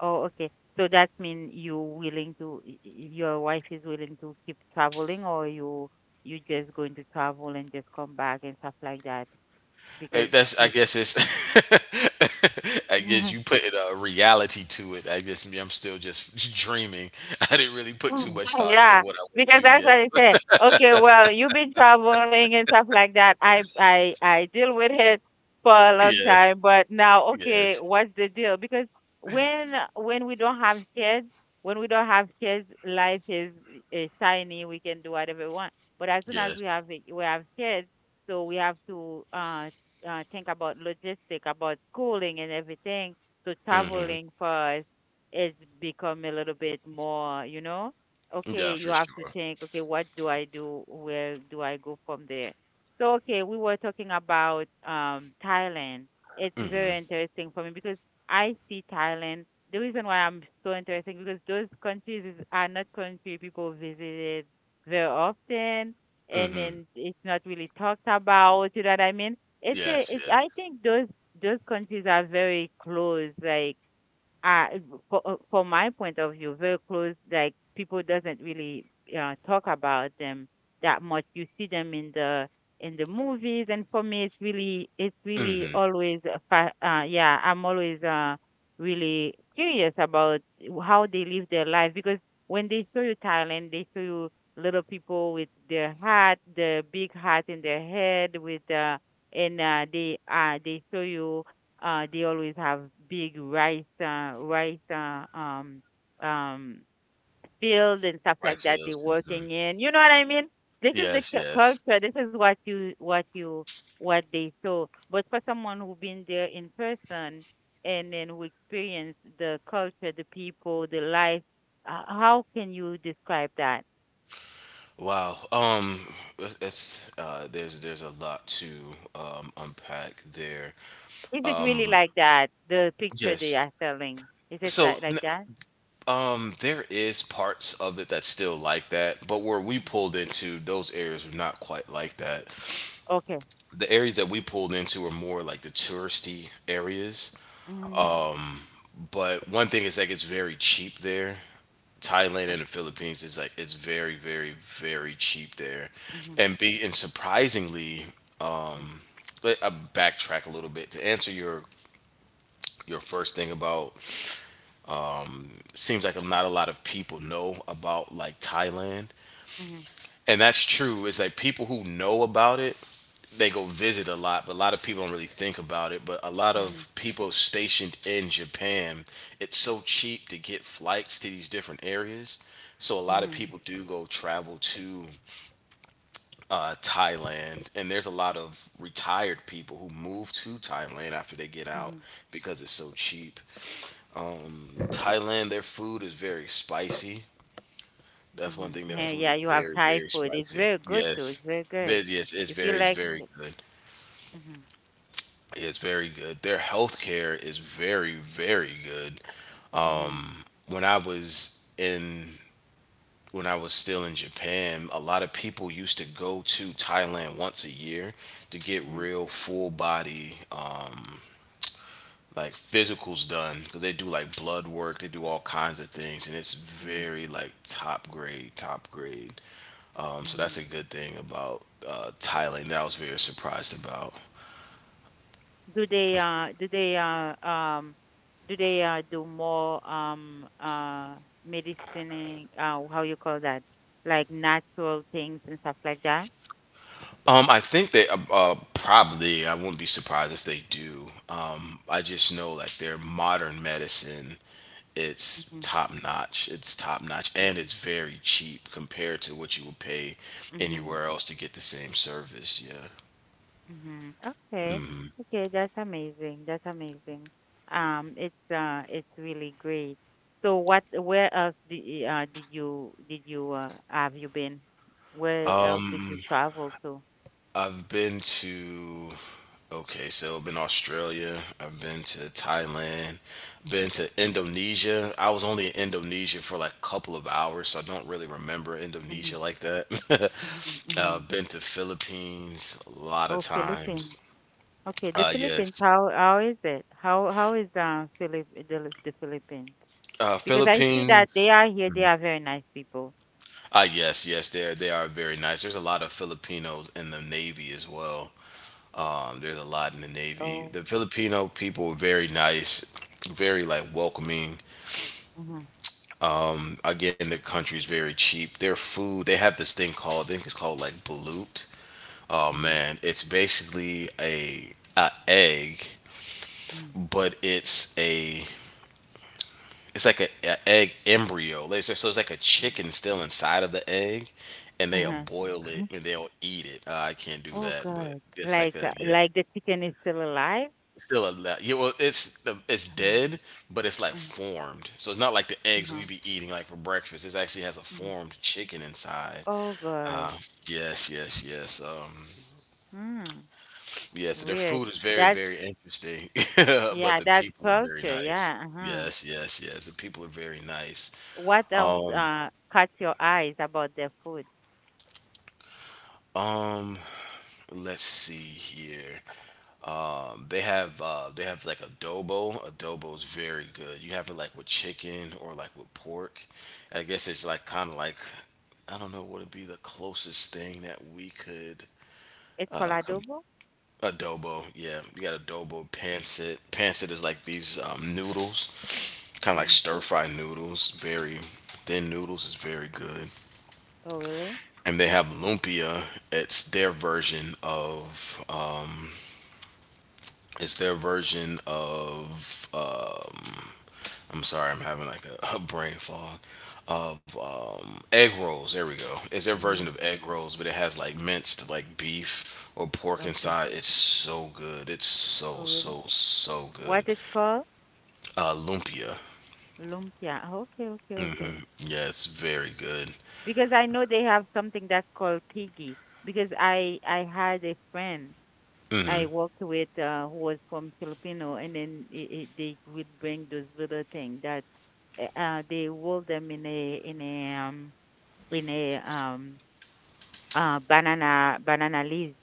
B: Oh, okay. So that mean you willing to, your wife is willing to keep traveling, or you just going to travel and just come back and stuff like that?
A: Eh,
B: Because
A: that's I
B: if
A: guess it's I guess you put a reality to it. I'm still just dreaming. I didn't really put too
B: mm,
A: much
B: oh,
A: thought into
B: yeah,
A: what I want
B: because
A: to do
B: that's
A: yet.
B: what I say. Okay, well, you've been traveling and stuff like that. I deal with it for a long
A: Yeah,
B: time, but now, okay,
A: yes,
B: what's the deal? Because when we don't have kids, when we don't have kids, life is shiny. We can do whatever we want. But as soon as we
A: yes.
B: we have kids, so we have to think about logistic, about schooling and everything. So
A: hmm
B: traveling for us is become a little bit more,
A: Yeah,
B: okay,
A: for
B: you have to
A: sure.
B: think, okay, what do I do? Where do I go from there? So, okay, we were talking about Thailand. It's
A: hmm
B: very interesting for me because I see Thailand. The reason why I'm so interested because those countries are not country people visited very often, and
A: hmm
B: then it's not really talked about. You know what I mean?
A: Yes, yes.
B: I think those countries are very close, like uh, from my point of view, very close. Like people doesn't really talk about them that much. You see them in the movies, and for me, it's really
A: hmm
B: always a yeah. I'm always really curious about how they live their life because when they show you Thailand, they show you little people with their hat, the big hat in their head with and they show you they always have big rice, um, field and stuff
A: Rice
B: like that.
A: fields.
B: They're
A: hmm
B: working in. You know what I mean? This is the
A: Yes, yes.
B: culture. This is what they saw. But for someone who been there in person and then who experienced the culture, the people, the life, how can you describe that?
A: Wow. It's, there's a lot to unpack there.
B: Is it really
A: Um,
B: like that? The picture they
A: yes.
B: are selling. Is it
A: So
B: like that?
A: There is parts of it that's still like that, but where we
B: Mhm.
A: pulled into, those areas were not quite like that.
B: Okay.
A: The areas that we pulled into were more like the touristy areas.
B: Mm-hmm.
A: But one thing is like it's very cheap there. Thailand and the
B: Okay.
A: Philippines is like it's very, very, very cheap there,
B: Mm-hmm.
A: and be and surprisingly,
B: Mm-hmm.
A: let I backtrack a little bit to answer your first thing about seems like not a lot of people know about like Thailand.
B: Mm-hmm.
A: And that's true. It's like people who know about it they go visit a lot, but a lot of people don't really think about it. But a lot of
B: Mhm,
A: people stationed in Japan, it's so cheap to get flights to these different areas. So a lot of
B: mhm,
A: people do go travel to Thailand, and there's a lot of retired people who move to Thailand after they get out
B: mhm,
A: because it's so cheap. Thailand, their food is very spicy. That's one
B: mhm.
A: thing. Their
B: Yeah,
A: food
B: yeah,
A: is
B: you have
A: very,
B: Thai
A: very
B: food. It's
A: spicy.
B: very good too.
A: Yes,
B: It's very good.
A: but yes,
B: If you
A: it's
B: like,
A: very good.
B: mhm,
A: Is very good. Their healthcare is very, very good.
B: mhm,
A: When I was in when I was still in Japan, a lot of people used to go to Thailand once a year to get
B: mhm,
A: real full body like physicals done because they do like blood work, they do all kinds of things, and it's
B: mhm,
A: very like top grade, top grade. So that's
B: mhm.
A: a good thing about Thailand that I was very surprised about.
B: Do they do more medicining, how you call that? Like natural things and stuff like that?
A: I think they probably. I wouldn't be surprised if they do. I just know like their modern medicine, it's
B: Mhm,
A: top notch. It's top notch, and it's
B: mhm,
A: very cheap compared to what you would pay
B: mhm.
A: anywhere else to get the same service. Yeah.
B: Mm-hmm. Okay. Okay, that's amazing. That's amazing. It's really great. So where else did you have you been? Where else did you travel to?
A: I've been to Okay, so I've been to Australia, I've been to Thailand, been to Indonesia. I was only in Indonesia for like a couple of hours, so I don't really remember
B: Mm-hmm.
A: Indonesia like that.
B: Mm-hmm. Mm-hmm.
A: Been to Philippines a lot of
B: Oh, Philippines.
A: times.
B: Okay, the Philippines.
A: Yes,
B: How is it? How is Philip the Philippines? Because I see that they
A: Philippines.
B: are here. They are very nice people.
A: Ah, yes, yes, they are very nice. There's a lot of Filipinos in the Navy as well. There's a lot in the Navy.
B: Oh.
A: The Filipino people are very nice, very like welcoming.
B: Mm-hmm.
A: Again, their country's very cheap. Their food, they have this thing called, I think it's called like balut. Oh
B: Mm-hmm.
A: man, it's basically a egg,
B: Mm-hmm.
A: but it's like a egg embryo. Like, So it's like a chicken still inside of the egg, and they'll
B: Uh-huh.
A: boil it and they'll eat it. I can't do
B: Oh,
A: that, but
B: God!
A: it's like
B: Like
A: a
B: uh,
A: yeah.
B: like the chicken is still alive?
A: Still alive. Yeah, well, it's
B: Uh-huh.
A: dead, but it's like
B: Mm,
A: formed. So it's not like the eggs
B: uh-huh.
A: we be eating like for breakfast. It actually has a
B: Mm.
A: formed chicken inside.
B: Oh, God.
A: Yes, yes, yes.
B: Hmm.
A: Yeah. So their
B: Weird.
A: food is very,
B: That's,
A: very interesting, but
B: yeah,
A: the
B: that's
A: people are very
B: culture.
A: nice.
B: Yeah. Uh-huh.
A: Yes, yes, yes. The people are very nice.
B: What else
A: Um,
B: caught your eyes about their food?
A: um. Let's see here. They have they have like adobo. Adobo is very good. You have it like with chicken or like with pork. I guess it's like kind of like I don't know what would be the closest thing that we could
B: It's called
A: uh, com-
B: adobo?
A: adobo. Yeah, you got adobo pancit. Pancit is like these noodles, kind of like
B: Mm.
A: stir fry noodles. Very thin noodles is very good.
B: Oh, really?
A: And they have lumpia. It's their version of it's their version of um, I'm sorry, I'm having like a brain fog of egg rolls. There we go. It's their version of
B: Mhm.
A: egg rolls, but it has like minced like beef or pork
B: Okay.
A: inside. It's so good. It's so
B: Oh, really?
A: So so
B: What
A: good.
B: it's called?
A: Lumpia.
B: Lumpia. Okay, okay, okay.
A: Yeah, it's very good.
B: Because I know they have something that's called piggy. Because I had a friend I worked with who was from Filipino, and then they would bring those little thing that they roll them in a in a banana leaves,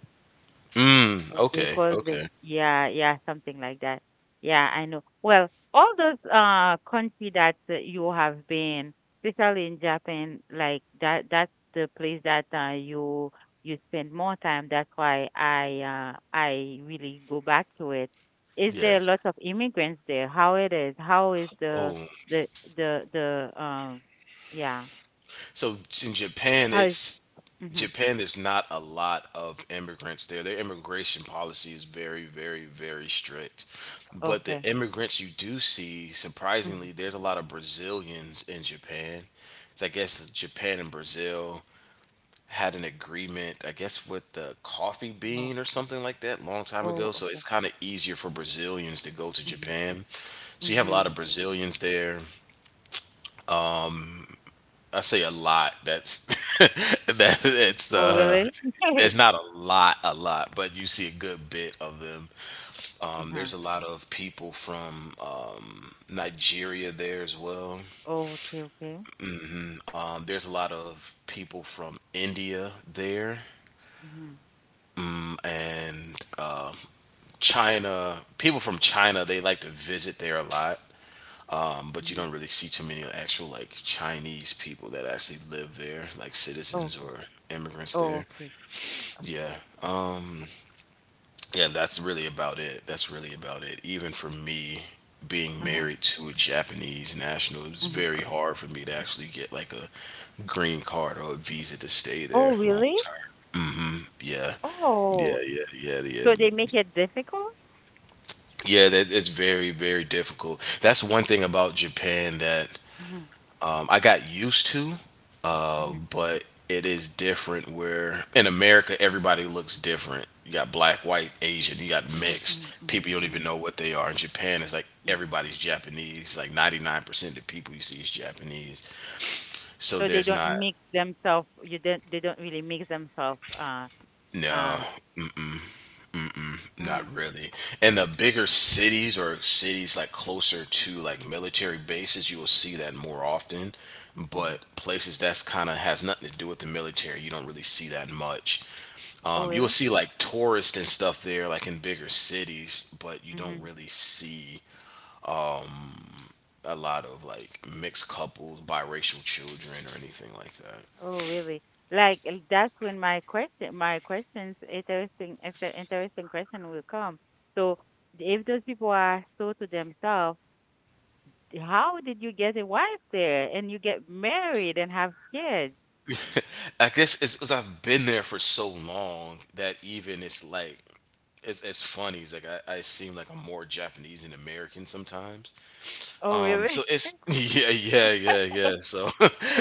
A: Mm,
B: and they
A: okay,
B: call them,
A: okay.
B: yeah, yeah, something like that, yeah, I know. Well, all those country that you have been, especially in Japan, like that, that's the place that you spend more time, that's why I really go back to it. Is there
A: Yes.
B: lots of immigrants there? How it is? How is
A: Oh,
B: the the, yeah,
A: so in Japan,
B: how is-
A: it's
B: Mhm,
A: Japan, there's not a lot of immigrants there. Their immigration policy is very, very, very strict. But the
B: okay.
A: immigrants you do see,
B: Mhm,
A: surprisingly, there's a lot of Brazilians in Japan. So I guess Japan and Brazil had an agreement, I guess, with the coffee
B: oh,
A: bean or something like that, long time ago.
B: oh,
A: So it's
B: okay.
A: kind of easier for Brazilians to go to Japan. So you have a lot of
B: Mhm, mhm,
A: Brazilians there. I say a lot. That's that it's
B: oh, really?
A: there's not a lot, a lot, but you see a good bit of them.
B: Uh-huh.
A: There's a lot of people from Nigeria there as well.
B: Oh, okay, okay.
A: There's a lot of people from India there
B: Mm-hmm.
A: and uh, China. People from China they like to visit there a lot, but you
B: Mm-hmm.
A: don't really see too many actual like Chinese people that actually live there, like
B: Oh,
A: citizens
B: okay.
A: or immigrants
B: Oh,
A: there.
B: okay. Okay.
A: Yeah.
B: Uh,
A: Yeah, that's really about it. That's really about it. Even for me, being
B: Uh-huh.
A: married to a Japanese national, it was
B: Uh-huh.
A: very hard for me to actually get like a green card or a visa to stay there
B: Oh,
A: long
B: really?
A: term. Yeah, yeah,
B: Oh,
A: yeah, yeah, yeah.
B: so they make it difficult?
A: Yeah, that, it's very, very difficult. That's one thing about Japan that
B: Mm-hmm.
A: I got used to.
B: Mm-hmm.
A: But it is different where in America everybody looks different. You got black, white, Asian, you got
B: Mm-hmm.
A: mixed.
B: Mm-hmm.
A: People you don't
B: Mm-hmm.
A: even know what they are. In Japan it's like
B: Mm-hmm.
A: everybody's Japanese. Like 99% of people you see is Japanese. So
B: So they
A: there's
B: don't
A: not
B: mix themselves. You don't. They don't really mix themselves.
A: no,
B: Uh.
A: not
B: Huh.
A: really. In the bigger cities or cities like closer to like military bases, you will see that more often.
B: Mm-hmm.
A: But places that's kind of has nothing to do with the military, you don't really see that much.
B: Oh,
A: You will see like tourists and stuff there, like in bigger cities, but you don't
B: really?
A: really see a lot of like mixed couples, biracial children, or anything like that.
B: Oh, really? Like, that's when my question, my questions, it's an interesting question will come. So if those people are so to themselves, how did you get a wife there and you get married and have kids?
A: I guess it's because I've been there for so long that even it's funny. It's like I seem like I'm more Japanese and American sometimes.
B: Oh, really?
A: So it's yeah, yeah. So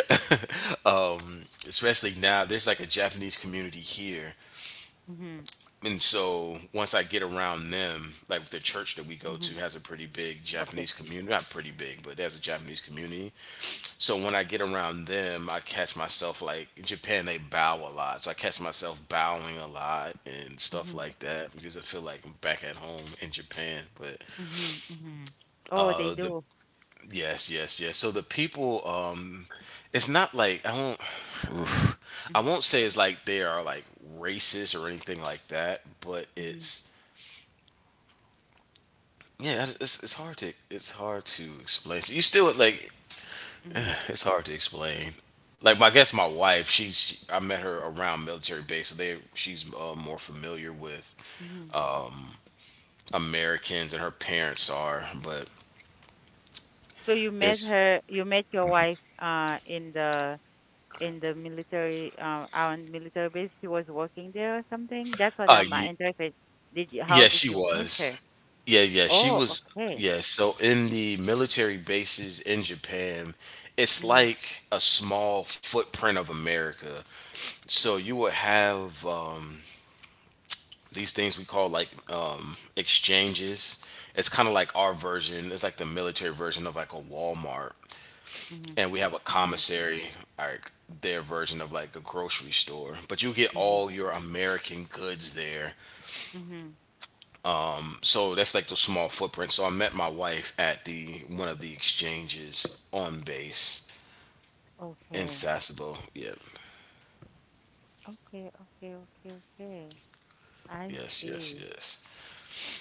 A: um, especially now, there's like a Japanese community here,
B: Mm-hmm.
A: and so once I get around them, like the church that we go
B: Mm-hmm.
A: to has a pretty big
B: Okay.
A: Japanese community. Not pretty big, but there's a Japanese community. So when I get around them, I catch myself like in Japan they bow a lot. So I catch myself bowing a lot and stuff
B: Mm-hmm.
A: like that because I feel like I'm back at home in Japan. But
B: Mm-hmm. Mm-hmm. Oh, they
A: the
B: do.
A: yes, yes, yes. So the people it's not like I won't oof. I
B: Mm-hmm.
A: won't say it's like they are like racist or anything like that, but
B: Mm-hmm.
A: it's yeah, it's hard to explain. So you still like
B: Mm-hmm.
A: it's hard to explain. Like my I guess my wife, I met her around military base, so they she's more familiar with
B: Mm-hmm.
A: Americans, and her parents are. But
B: So
A: it's
B: you met your wife, in the military, on military base. She was working there or something. That's what
A: uh
B: I'm
A: ye-
B: interested. How
A: yeah,
B: did you meet her?
A: she
B: Oh,
A: was
B: okay.
A: yeah. So in the military bases in Japan, it's
B: Mhm.
A: like a small footprint of America. So you would have. These things we call like exchanges. It's kind of like our version. It's like the military version of like a Walmart,
B: Mhm.
A: and we have a
B: Mhm.
A: commissary, like their version of like a grocery store. But you get
B: Mhm.
A: all your American goods there.
B: Mhm.
A: So that's like the small footprint. So I met my wife at the one of the exchanges on base in
B: Okay.
A: Sasebo. Yep.
B: Okay. Okay. Okay. Okay. I
A: Yes. Yes.
B: see.
A: Yes.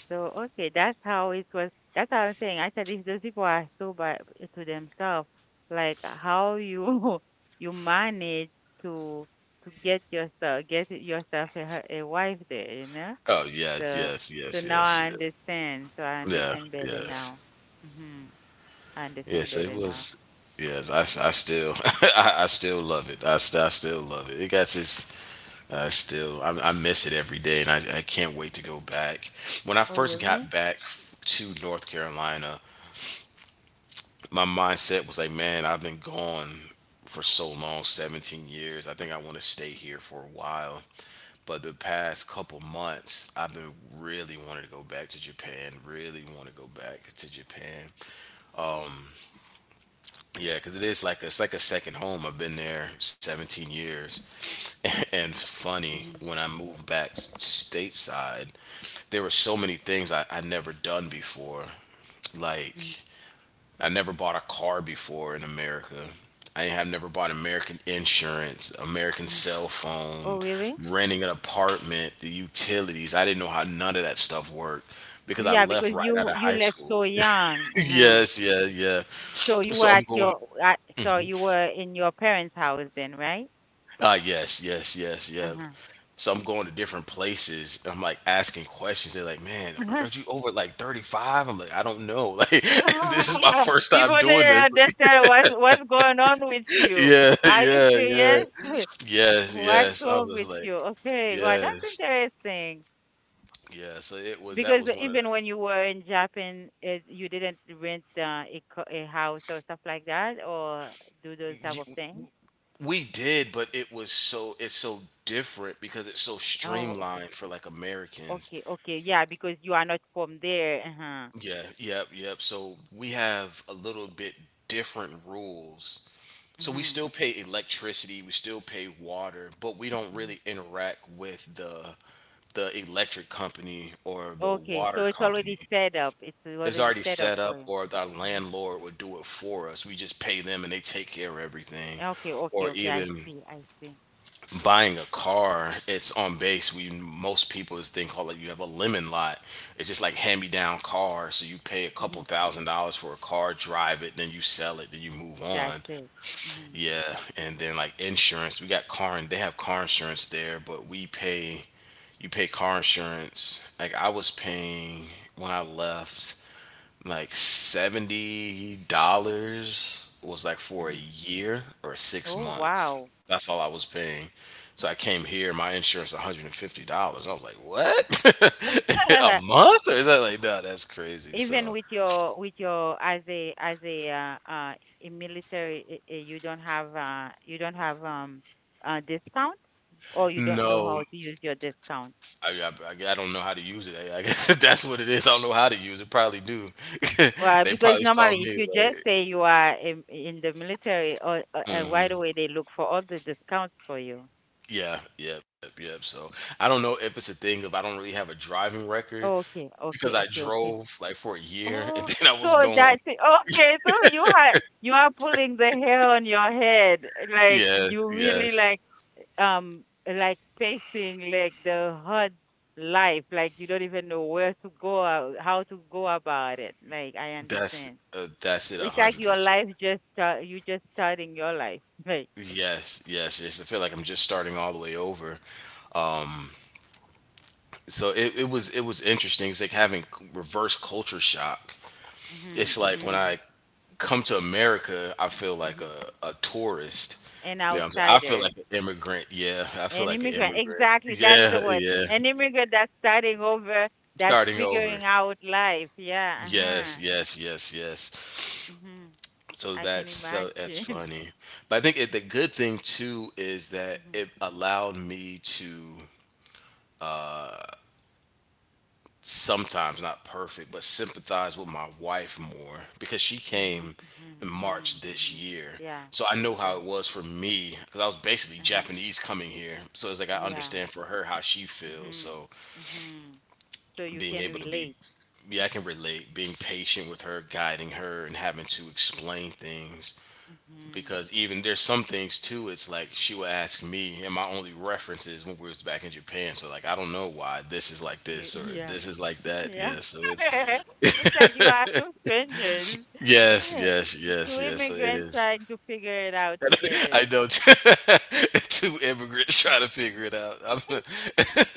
B: So okay, that's how it was. That's how I'm saying. I said if those people are so by to themselves, like how you you manage to to get yourself a wife there, you know?
A: Oh yeah.
B: So
A: Yes. Yes.
B: now I
A: Yes. Yes.
B: understand. So I
A: Yeah.
B: understand better
A: Yes.
B: now. Mhm. I understand
A: Yes,
B: better
A: it
B: now.
A: was. Yes, I still I still love it. I still love it. It got this. I miss it every day, and I can't wait to go back. When I
B: Oh,
A: first
B: really?
A: got back to North Carolina, my mindset was like, man, I've been gone for so long, 17 years. I think I want to stay here for a while. But the past couple months, I've been really wanting to go back to Japan. Really want to go back to Japan.
B: Mhm.
A: Yeah, because it is like it's like a second home. I've been there 17 years, and funny
B: Mhm.
A: when I moved back stateside, there were so many things I never done before. Like
B: Mhm.
A: I never bought a car before in America. I have never bought American insurance, American
B: Mhm.
A: cell
B: Oh,
A: phone,
B: really?
A: renting an apartment, the utilities. I didn't know how none of that stuff worked because I
B: Yeah,
A: left
B: because
A: right out
B: you
A: of
B: you
A: high
B: left so
A: school.
B: young. Uh-huh.
A: Yes, yeah.
B: So you
A: So
B: were
A: I'm
B: at
A: going.
B: your at,
A: Mm-hmm.
B: so you were in your parents' house then, right?
A: Ah yes, yes, yes, yep.
B: Uh-huh.
A: So I'm going to different places. And I'm like asking questions. They're like, "Man, are you over like 35?" I'm like, "I don't know. Like, this is my
B: Uh-huh.
A: first time
B: People
A: doing
B: didn't
A: this."
B: understand what's going on with you.
A: Yeah,
B: Are you
A: yeah.
B: serious?
A: Yes,
B: What's
A: yes. I
B: wrong
A: was
B: with
A: like,
B: you? Okay, well, that's
A: yes,
B: interesting.
A: yeah. So it was that
B: Because
A: was one of the
B: even when you were in Japan, you didn't rent a house or stuff like that, or do those type
A: you,
B: of things.
A: we did, but it's so different because it's so
B: Oh, okay,
A: streamlined for like Americans.
B: okay, okay. Yeah, because you are not from there. Uh-huh.
A: Yeah, yep. So we have a little bit different rules. So we
B: Mm-hmm.
A: still pay electricity, we still pay water, but we don't
B: Mm-hmm.
A: really interact with the electric company or the
B: Okay,
A: water
B: so it's
A: company.
B: already set up. It's
A: It's
B: already
A: already
B: set up
A: set up,
B: for you.
A: or our
B: Hmm.
A: landlord would do it for us. We just pay them and they take care of everything.
B: Okay, okay,
A: Or
B: okay. I
A: even
B: see. I see.
A: buying a car, it's on base. We Most people this thing called like you have a lemon lot. It's just like hand me down car. So you pay a couple
B: Hmm.
A: thousand dollars for a car, drive it, then you sell it, then you move
B: That's
A: on.
B: it. Hmm.
A: Yeah, and then like insurance, we got car and they have car insurance there, but we pay you pay car insurance. Like I was paying when I left like $70 was like for a
B: Hmm.
A: year or 6
B: Oh,
A: months.
B: wow.
A: That's all I was paying. So I came here, my insurance $150. I was like, "What? A month?" Or is that like, "No, that's crazy." So,
B: Even with your as a as a military, you don't have discount, or you don't know
A: no.
B: how to use your discount.
A: I, I don't know how to use it. I guess that's what it is. I don't know how to use it. Probably do.
B: Well,
A: They
B: because
A: probably saw
B: normally if
A: me
B: you just
A: like,
B: say you are in the military, or right
A: hmm
B: away they look for all the discounts for you.
A: yeah, yep. So I don't know if it's a thing if I don't really have a driving record
B: Okay, okay,
A: because I
B: okay, okay.
A: drove like for a year and
B: Oh,
A: then I
B: so
A: was gone.
B: that's it. Okay, so you are pulling the hair on your head, like
A: Yes,
B: you really,
A: yes.
B: like facing like the hard life, like you don't even know where to go out, how to go about it, like I
A: That's
B: understand.
A: that's it. A
B: It's like
A: hundred
B: your
A: percent.
B: life just start, you just starting your life. Like,
A: Yes, yes, yes. I feel like I'm just starting all the way over. Um, so it was it was interesting. It's like having reverse culture shock.
B: mhm,
A: It's like when
B: mhm,
A: I come to America, I feel like
B: mhm.
A: a tourist.
B: An
A: You know what I'm saying? I feel
B: outsider.
A: like an immigrant. Yeah, I feel
B: An
A: like an
B: immigrant.
A: immigrant.
B: Exactly, that's
A: Yeah,
B: the word,
A: yeah.
B: an immigrant that's starting over, that's
A: Starting over.
B: figuring out life, yeah.
A: Yes,
B: Uh-huh.
A: yes, yes, yes.
B: Mhm.
A: So
B: I can
A: that's so that's
B: imagine.
A: funny. But I think the good thing too is that
B: Mhm,
A: it allowed me to sometimes not perfect, but sympathize with my wife more because she came
B: mhm, mhm,
A: in March
B: mhm,
A: this
B: mhm,
A: year.
B: yeah,
A: So I know how it
B: exactly.
A: was for me because I was basically
B: Uh-huh.
A: Japanese coming here. So it's like I
B: Yeah.
A: understand for her how she feels.
B: Mhm.
A: So
B: Mhm. So you
A: being
B: can
A: able to be,
B: relate.
A: yeah, I can relate, being patient with her, guiding her, and having to explain things.
B: Mhm.
A: Because even there's some things too, it's like she will ask me, and my only reference is when we was back in Japan. So like I don't know why this is like
B: You,
A: this or
B: yeah.
A: this is like that.
B: Yeah.
A: Yeah, so it's
B: It's like you are two strangers,
A: yes, yes, yes,
B: two
A: yes. So it
B: immigrants
A: is.
B: trying to figure it out
A: I
B: together.
A: know two immigrants trying to figure it out.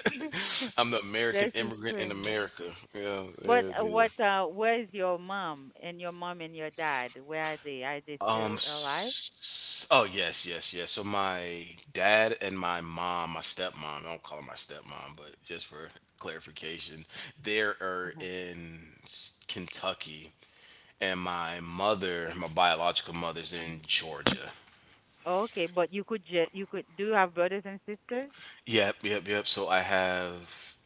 A: I'm the American
B: This is
A: immigrant in
B: funny.
A: America. Yeah,
B: But
A: yeah, yeah.
B: what? Where is your mom and your dad? Where are they? Are they
A: Um.
B: still alive?
A: s- Oh yes, yes, yes. So my dad and my mom, my stepmom. I don't call her my stepmom, but just for clarification, they are
B: Uh-huh.
A: in Kentucky, and my mother, my biological mother's
B: Uh-huh.
A: in Georgia.
B: Okay, but you could ju- you could do you have brothers and sisters?
A: Yep, yep, yep. So I have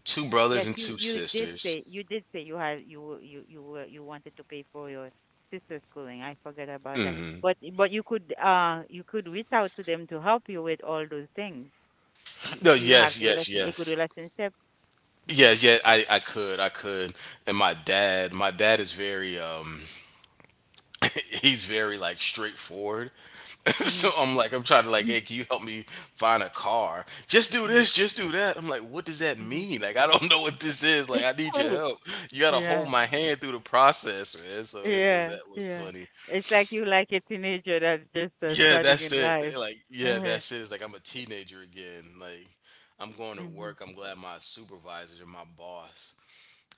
A: two brothers
B: Yes,
A: and
B: you
A: two
B: did
A: sisters.
B: say you have you were, you wanted to pay for your sister's schooling. I forgot about that. But you could reach out to them to help you with all those things.
A: No,
B: Do you have
A: yes,
B: a
A: yes,
B: relation a good
A: yes.
B: relationship? Mm-hmm.
A: Yes, yeah, I could, I could. And my dad is very he's very like straightforward.
B: Mm-hmm.
A: So I'm like I'm trying to like, hey, can you help me find a car? Just do
B: Mm-hmm.
A: this, just do that. I'm like, what does that
B: Mm-hmm.
A: mean? Like I don't know what this is. Like I need your help. You gotta hold
B: Yeah.
A: my hand through the process, man. So it was
B: Yeah.
A: that was
B: Yeah.
A: funny.
B: It's like you like a teenager that's just
A: Yeah,
B: starting
A: that's
B: in
A: it.
B: life.
A: Like, yeah,
B: Uh-huh.
A: that's it. It's like I'm a teenager again. Like, I'm going to work. I'm
B: Mm-hmm.
A: glad my supervisors and my boss.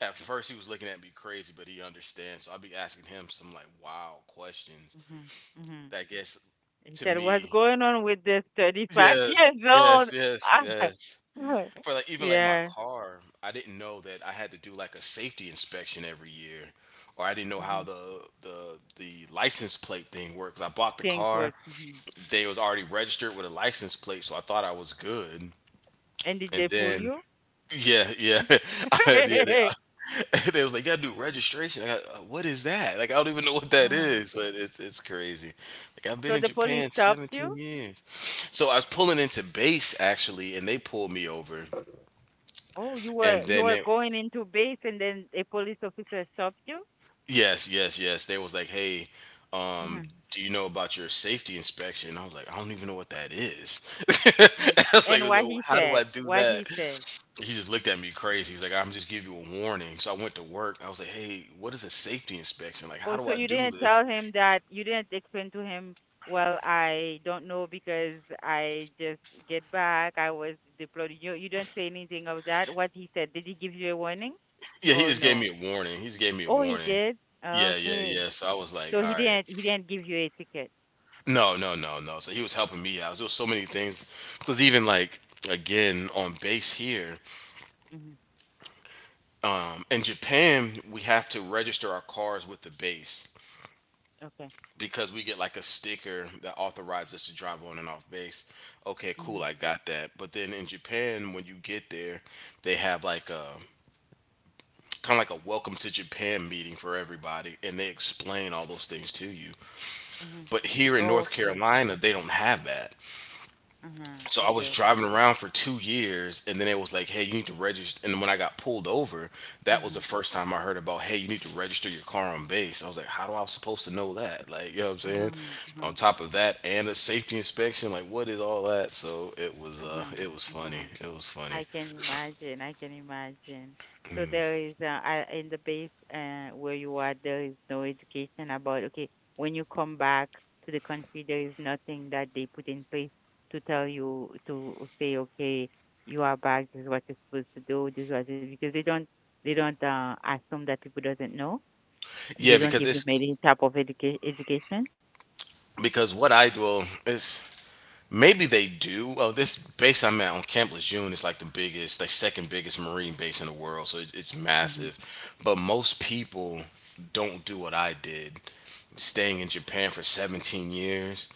A: At first, he was looking at me crazy, but he understands. So I'll be asking him some like wild questions
B: Mm-hmm. Mm-hmm.
A: that gets
B: He
A: to
B: said, "What's
A: me.
B: going on with this 35
A: Yes,
B: years
A: yes,
B: old?"
A: yes, yes. For like even like my
B: Yeah.
A: car, I didn't know that I had to do like a safety inspection every year, or I didn't know how
B: Hmm.
A: the license plate thing works. I bought the
B: Things
A: car
B: were. Hmm.
A: they was already registered with a license plate, so I thought I was good.
B: And did
A: And
B: they pull
A: then
B: you?
A: yeah, yeah, yeah. They, they was like, "You gotta do registration." I got, what is that? Like, I don't even know what that
B: Uh-huh.
A: is, but it's crazy. Like, I've been
B: So
A: in
B: the police
A: Japan
B: stopped
A: 17
B: you.
A: years, so I was pulling into base actually, and they pulled me over,
B: Oh, you were
A: and then they,
B: going into base, and then a police officer stopped you.
A: yes, yes, yes, they was like, "Hey, um,
B: Hmm.
A: do you know about your safety inspection?" I was like, "I don't even know what that is."
B: Hmm.
A: I was like,
B: And what he
A: "How do
B: said?
A: I do
B: What
A: that?"
B: he said?
A: He just looked at me crazy. He's like, I'm just give you a warning. So I went to work. I was like, hey, what is a safety inspection? Like, how
B: Oh,
A: do
B: so
A: I do this?
B: you didn't explain to him, well, I don't know because I just get back. I was deployed. You didn't say anything of that. What he said, did he give you a warning?
A: Yeah, he
B: Oh,
A: just gave
B: no.
A: me a warning. He just gave me a
B: Oh, he
A: warning.
B: did.
A: Yeah, yeah,
B: Okay.
A: yeah. So I was like,
B: So
A: all
B: he
A: right.
B: didn't he didn't give you a ticket.
A: No, no, no, no. So he was helping me out. There was so many things. Because even like, again, on base here,
B: Mhm.
A: in Japan, we have to register our cars with the base,
B: Okay.
A: because we get like a sticker that authorizes us to drive on and off base. Okay,
B: Mhm.
A: cool, I got that. But then in Japan, when you get there, they have like a kind of like a welcome to Japan meeting for everybody, and they explain all those things to you.
B: Mhm.
A: But here in North
B: Okay.
A: Carolina,
B: Okay.
A: they don't have that.
B: Uh-huh.
A: So I
B: Okay,
A: was
B: okay.
A: driving around for 2 years, and then it was like, "Hey, you need to register." And when I got pulled over, that was
B: Uh-huh.
A: the first time I heard about, "Hey, you need to register your car on base." I was like, "How do I was supposed to know that?" Like, you know what I'm saying?
B: Uh-huh. Uh-huh.
A: On top of that, and a safety inspection, like, what is all that? So
B: Uh-huh.
A: it was
B: Uh-huh.
A: funny. It was funny.
B: I can imagine. I can imagine. So there is in the base, where you are, there is no education about, okay. When you come back to the country, there is nothing that they put in place to tell you to say okay, you are back. This is what you're supposed to do. Because they don't assume that people doesn't know. They
A: Yeah,
B: don't
A: because
B: give them
A: it's
B: any type of education.
A: because what I do, well, it's maybe they do. Oh, this base I'm at on Camp Lejeune is like the biggest, like second biggest Marine base in the world, so it's massive. But most people don't do what I did. Staying in Japan for 17 years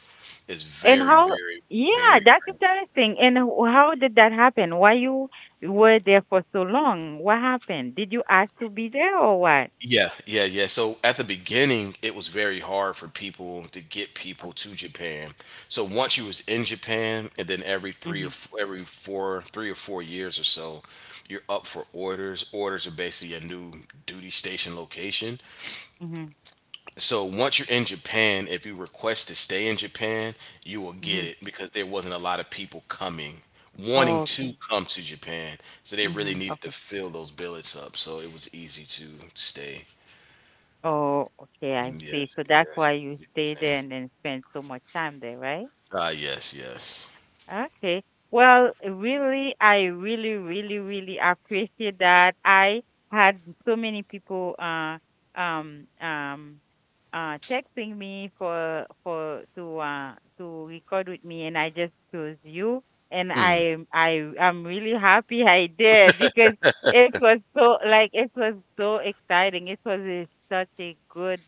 A: is
B: And
A: very,
B: how,
A: very,
B: yeah,
A: very
B: that's interesting. And how did that happen? Why you were there for so long? What happened? Did you ask to be there or what?
A: yeah, yeah, yeah. So at the beginning, it was very hard for people to get people to Japan. So once you was in Japan, and then
B: Mm-hmm.
A: every four, 3 or 4 years or so, you're up for orders. Orders are basically a new duty station location.
B: Mm-hmm.
A: So once you're in Japan, if you request to stay in Japan, you will
B: Mm-hmm.
A: get it because there wasn't a lot of people coming wanting
B: Okay.
A: to come to Japan. So they really
B: Mm-hmm.
A: needed to
B: Okay.
A: fill those billets up. So it was easy to stay.
B: Oh, okay. I see.
A: Yes,
B: So that's why
A: yes.
B: you stayed
A: Same.
B: there and then spent so much time there, right?
A: Ah, yes, yes.
B: Okay. Well, really, I really, really, really appreciate that. I had so many people um um texting me for to record with me, and I just chose you and
A: Mm.
B: I'm really happy I did, because it was so, like it was so exciting. It was such a good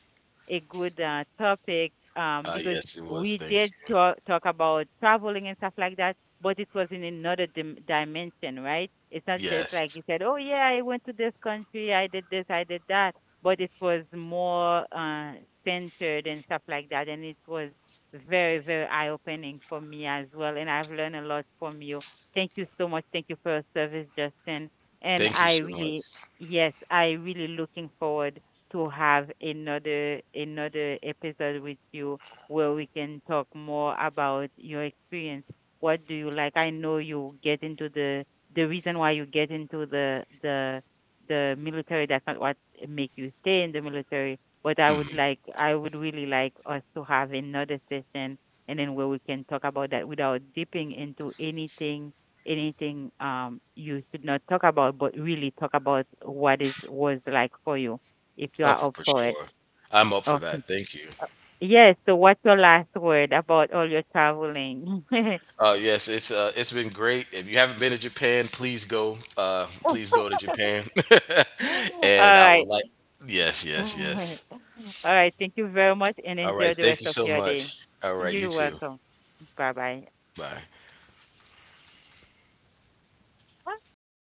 B: a good topic,
A: Ah,
B: because
A: yes, it was.
B: we
A: Thank
B: did
A: you.
B: talk about traveling and stuff like that, but it was in another dimension, right? It's not just like
A: Yes.
B: you said, oh, yeah, I went to this country, I did this, I did that, but it was more centered and stuff like that. And it was very, very eye opening for me as well. And I've learned a lot from you. Thank you so much. Thank you for your service, Justin. And
A: Thank you so much.
B: yes, I really looking forward to have another episode with you, where we can talk more about your experience. What do you like? I know you get into the reason why you get into the military. That's not what make you stay in the military. But
A: Mm.
B: I would really like us to have another session, and then where we can talk about that without dipping into anything, anything you should not talk about, but really talk about what is was like for you, if you
A: Oh,
B: are up
A: for
B: for it.
A: sure. I'm up for
B: Okay.
A: that. Thank you.
B: Yes, so what's your last word about all your traveling?
A: Yes, it's it's been great. If you haven't been to Japan, please go. Please go to Japan.
B: All
A: And I would
B: right.
A: like. Yes, yes, yes.
B: All right. Thank you very much and
A: All
B: enjoy
A: right.
B: the rest
A: Thank you
B: of
A: so
B: your day.
A: much. All right.
B: You're
A: You too.
B: welcome. Bye bye.
A: Bye.
B: Okay, I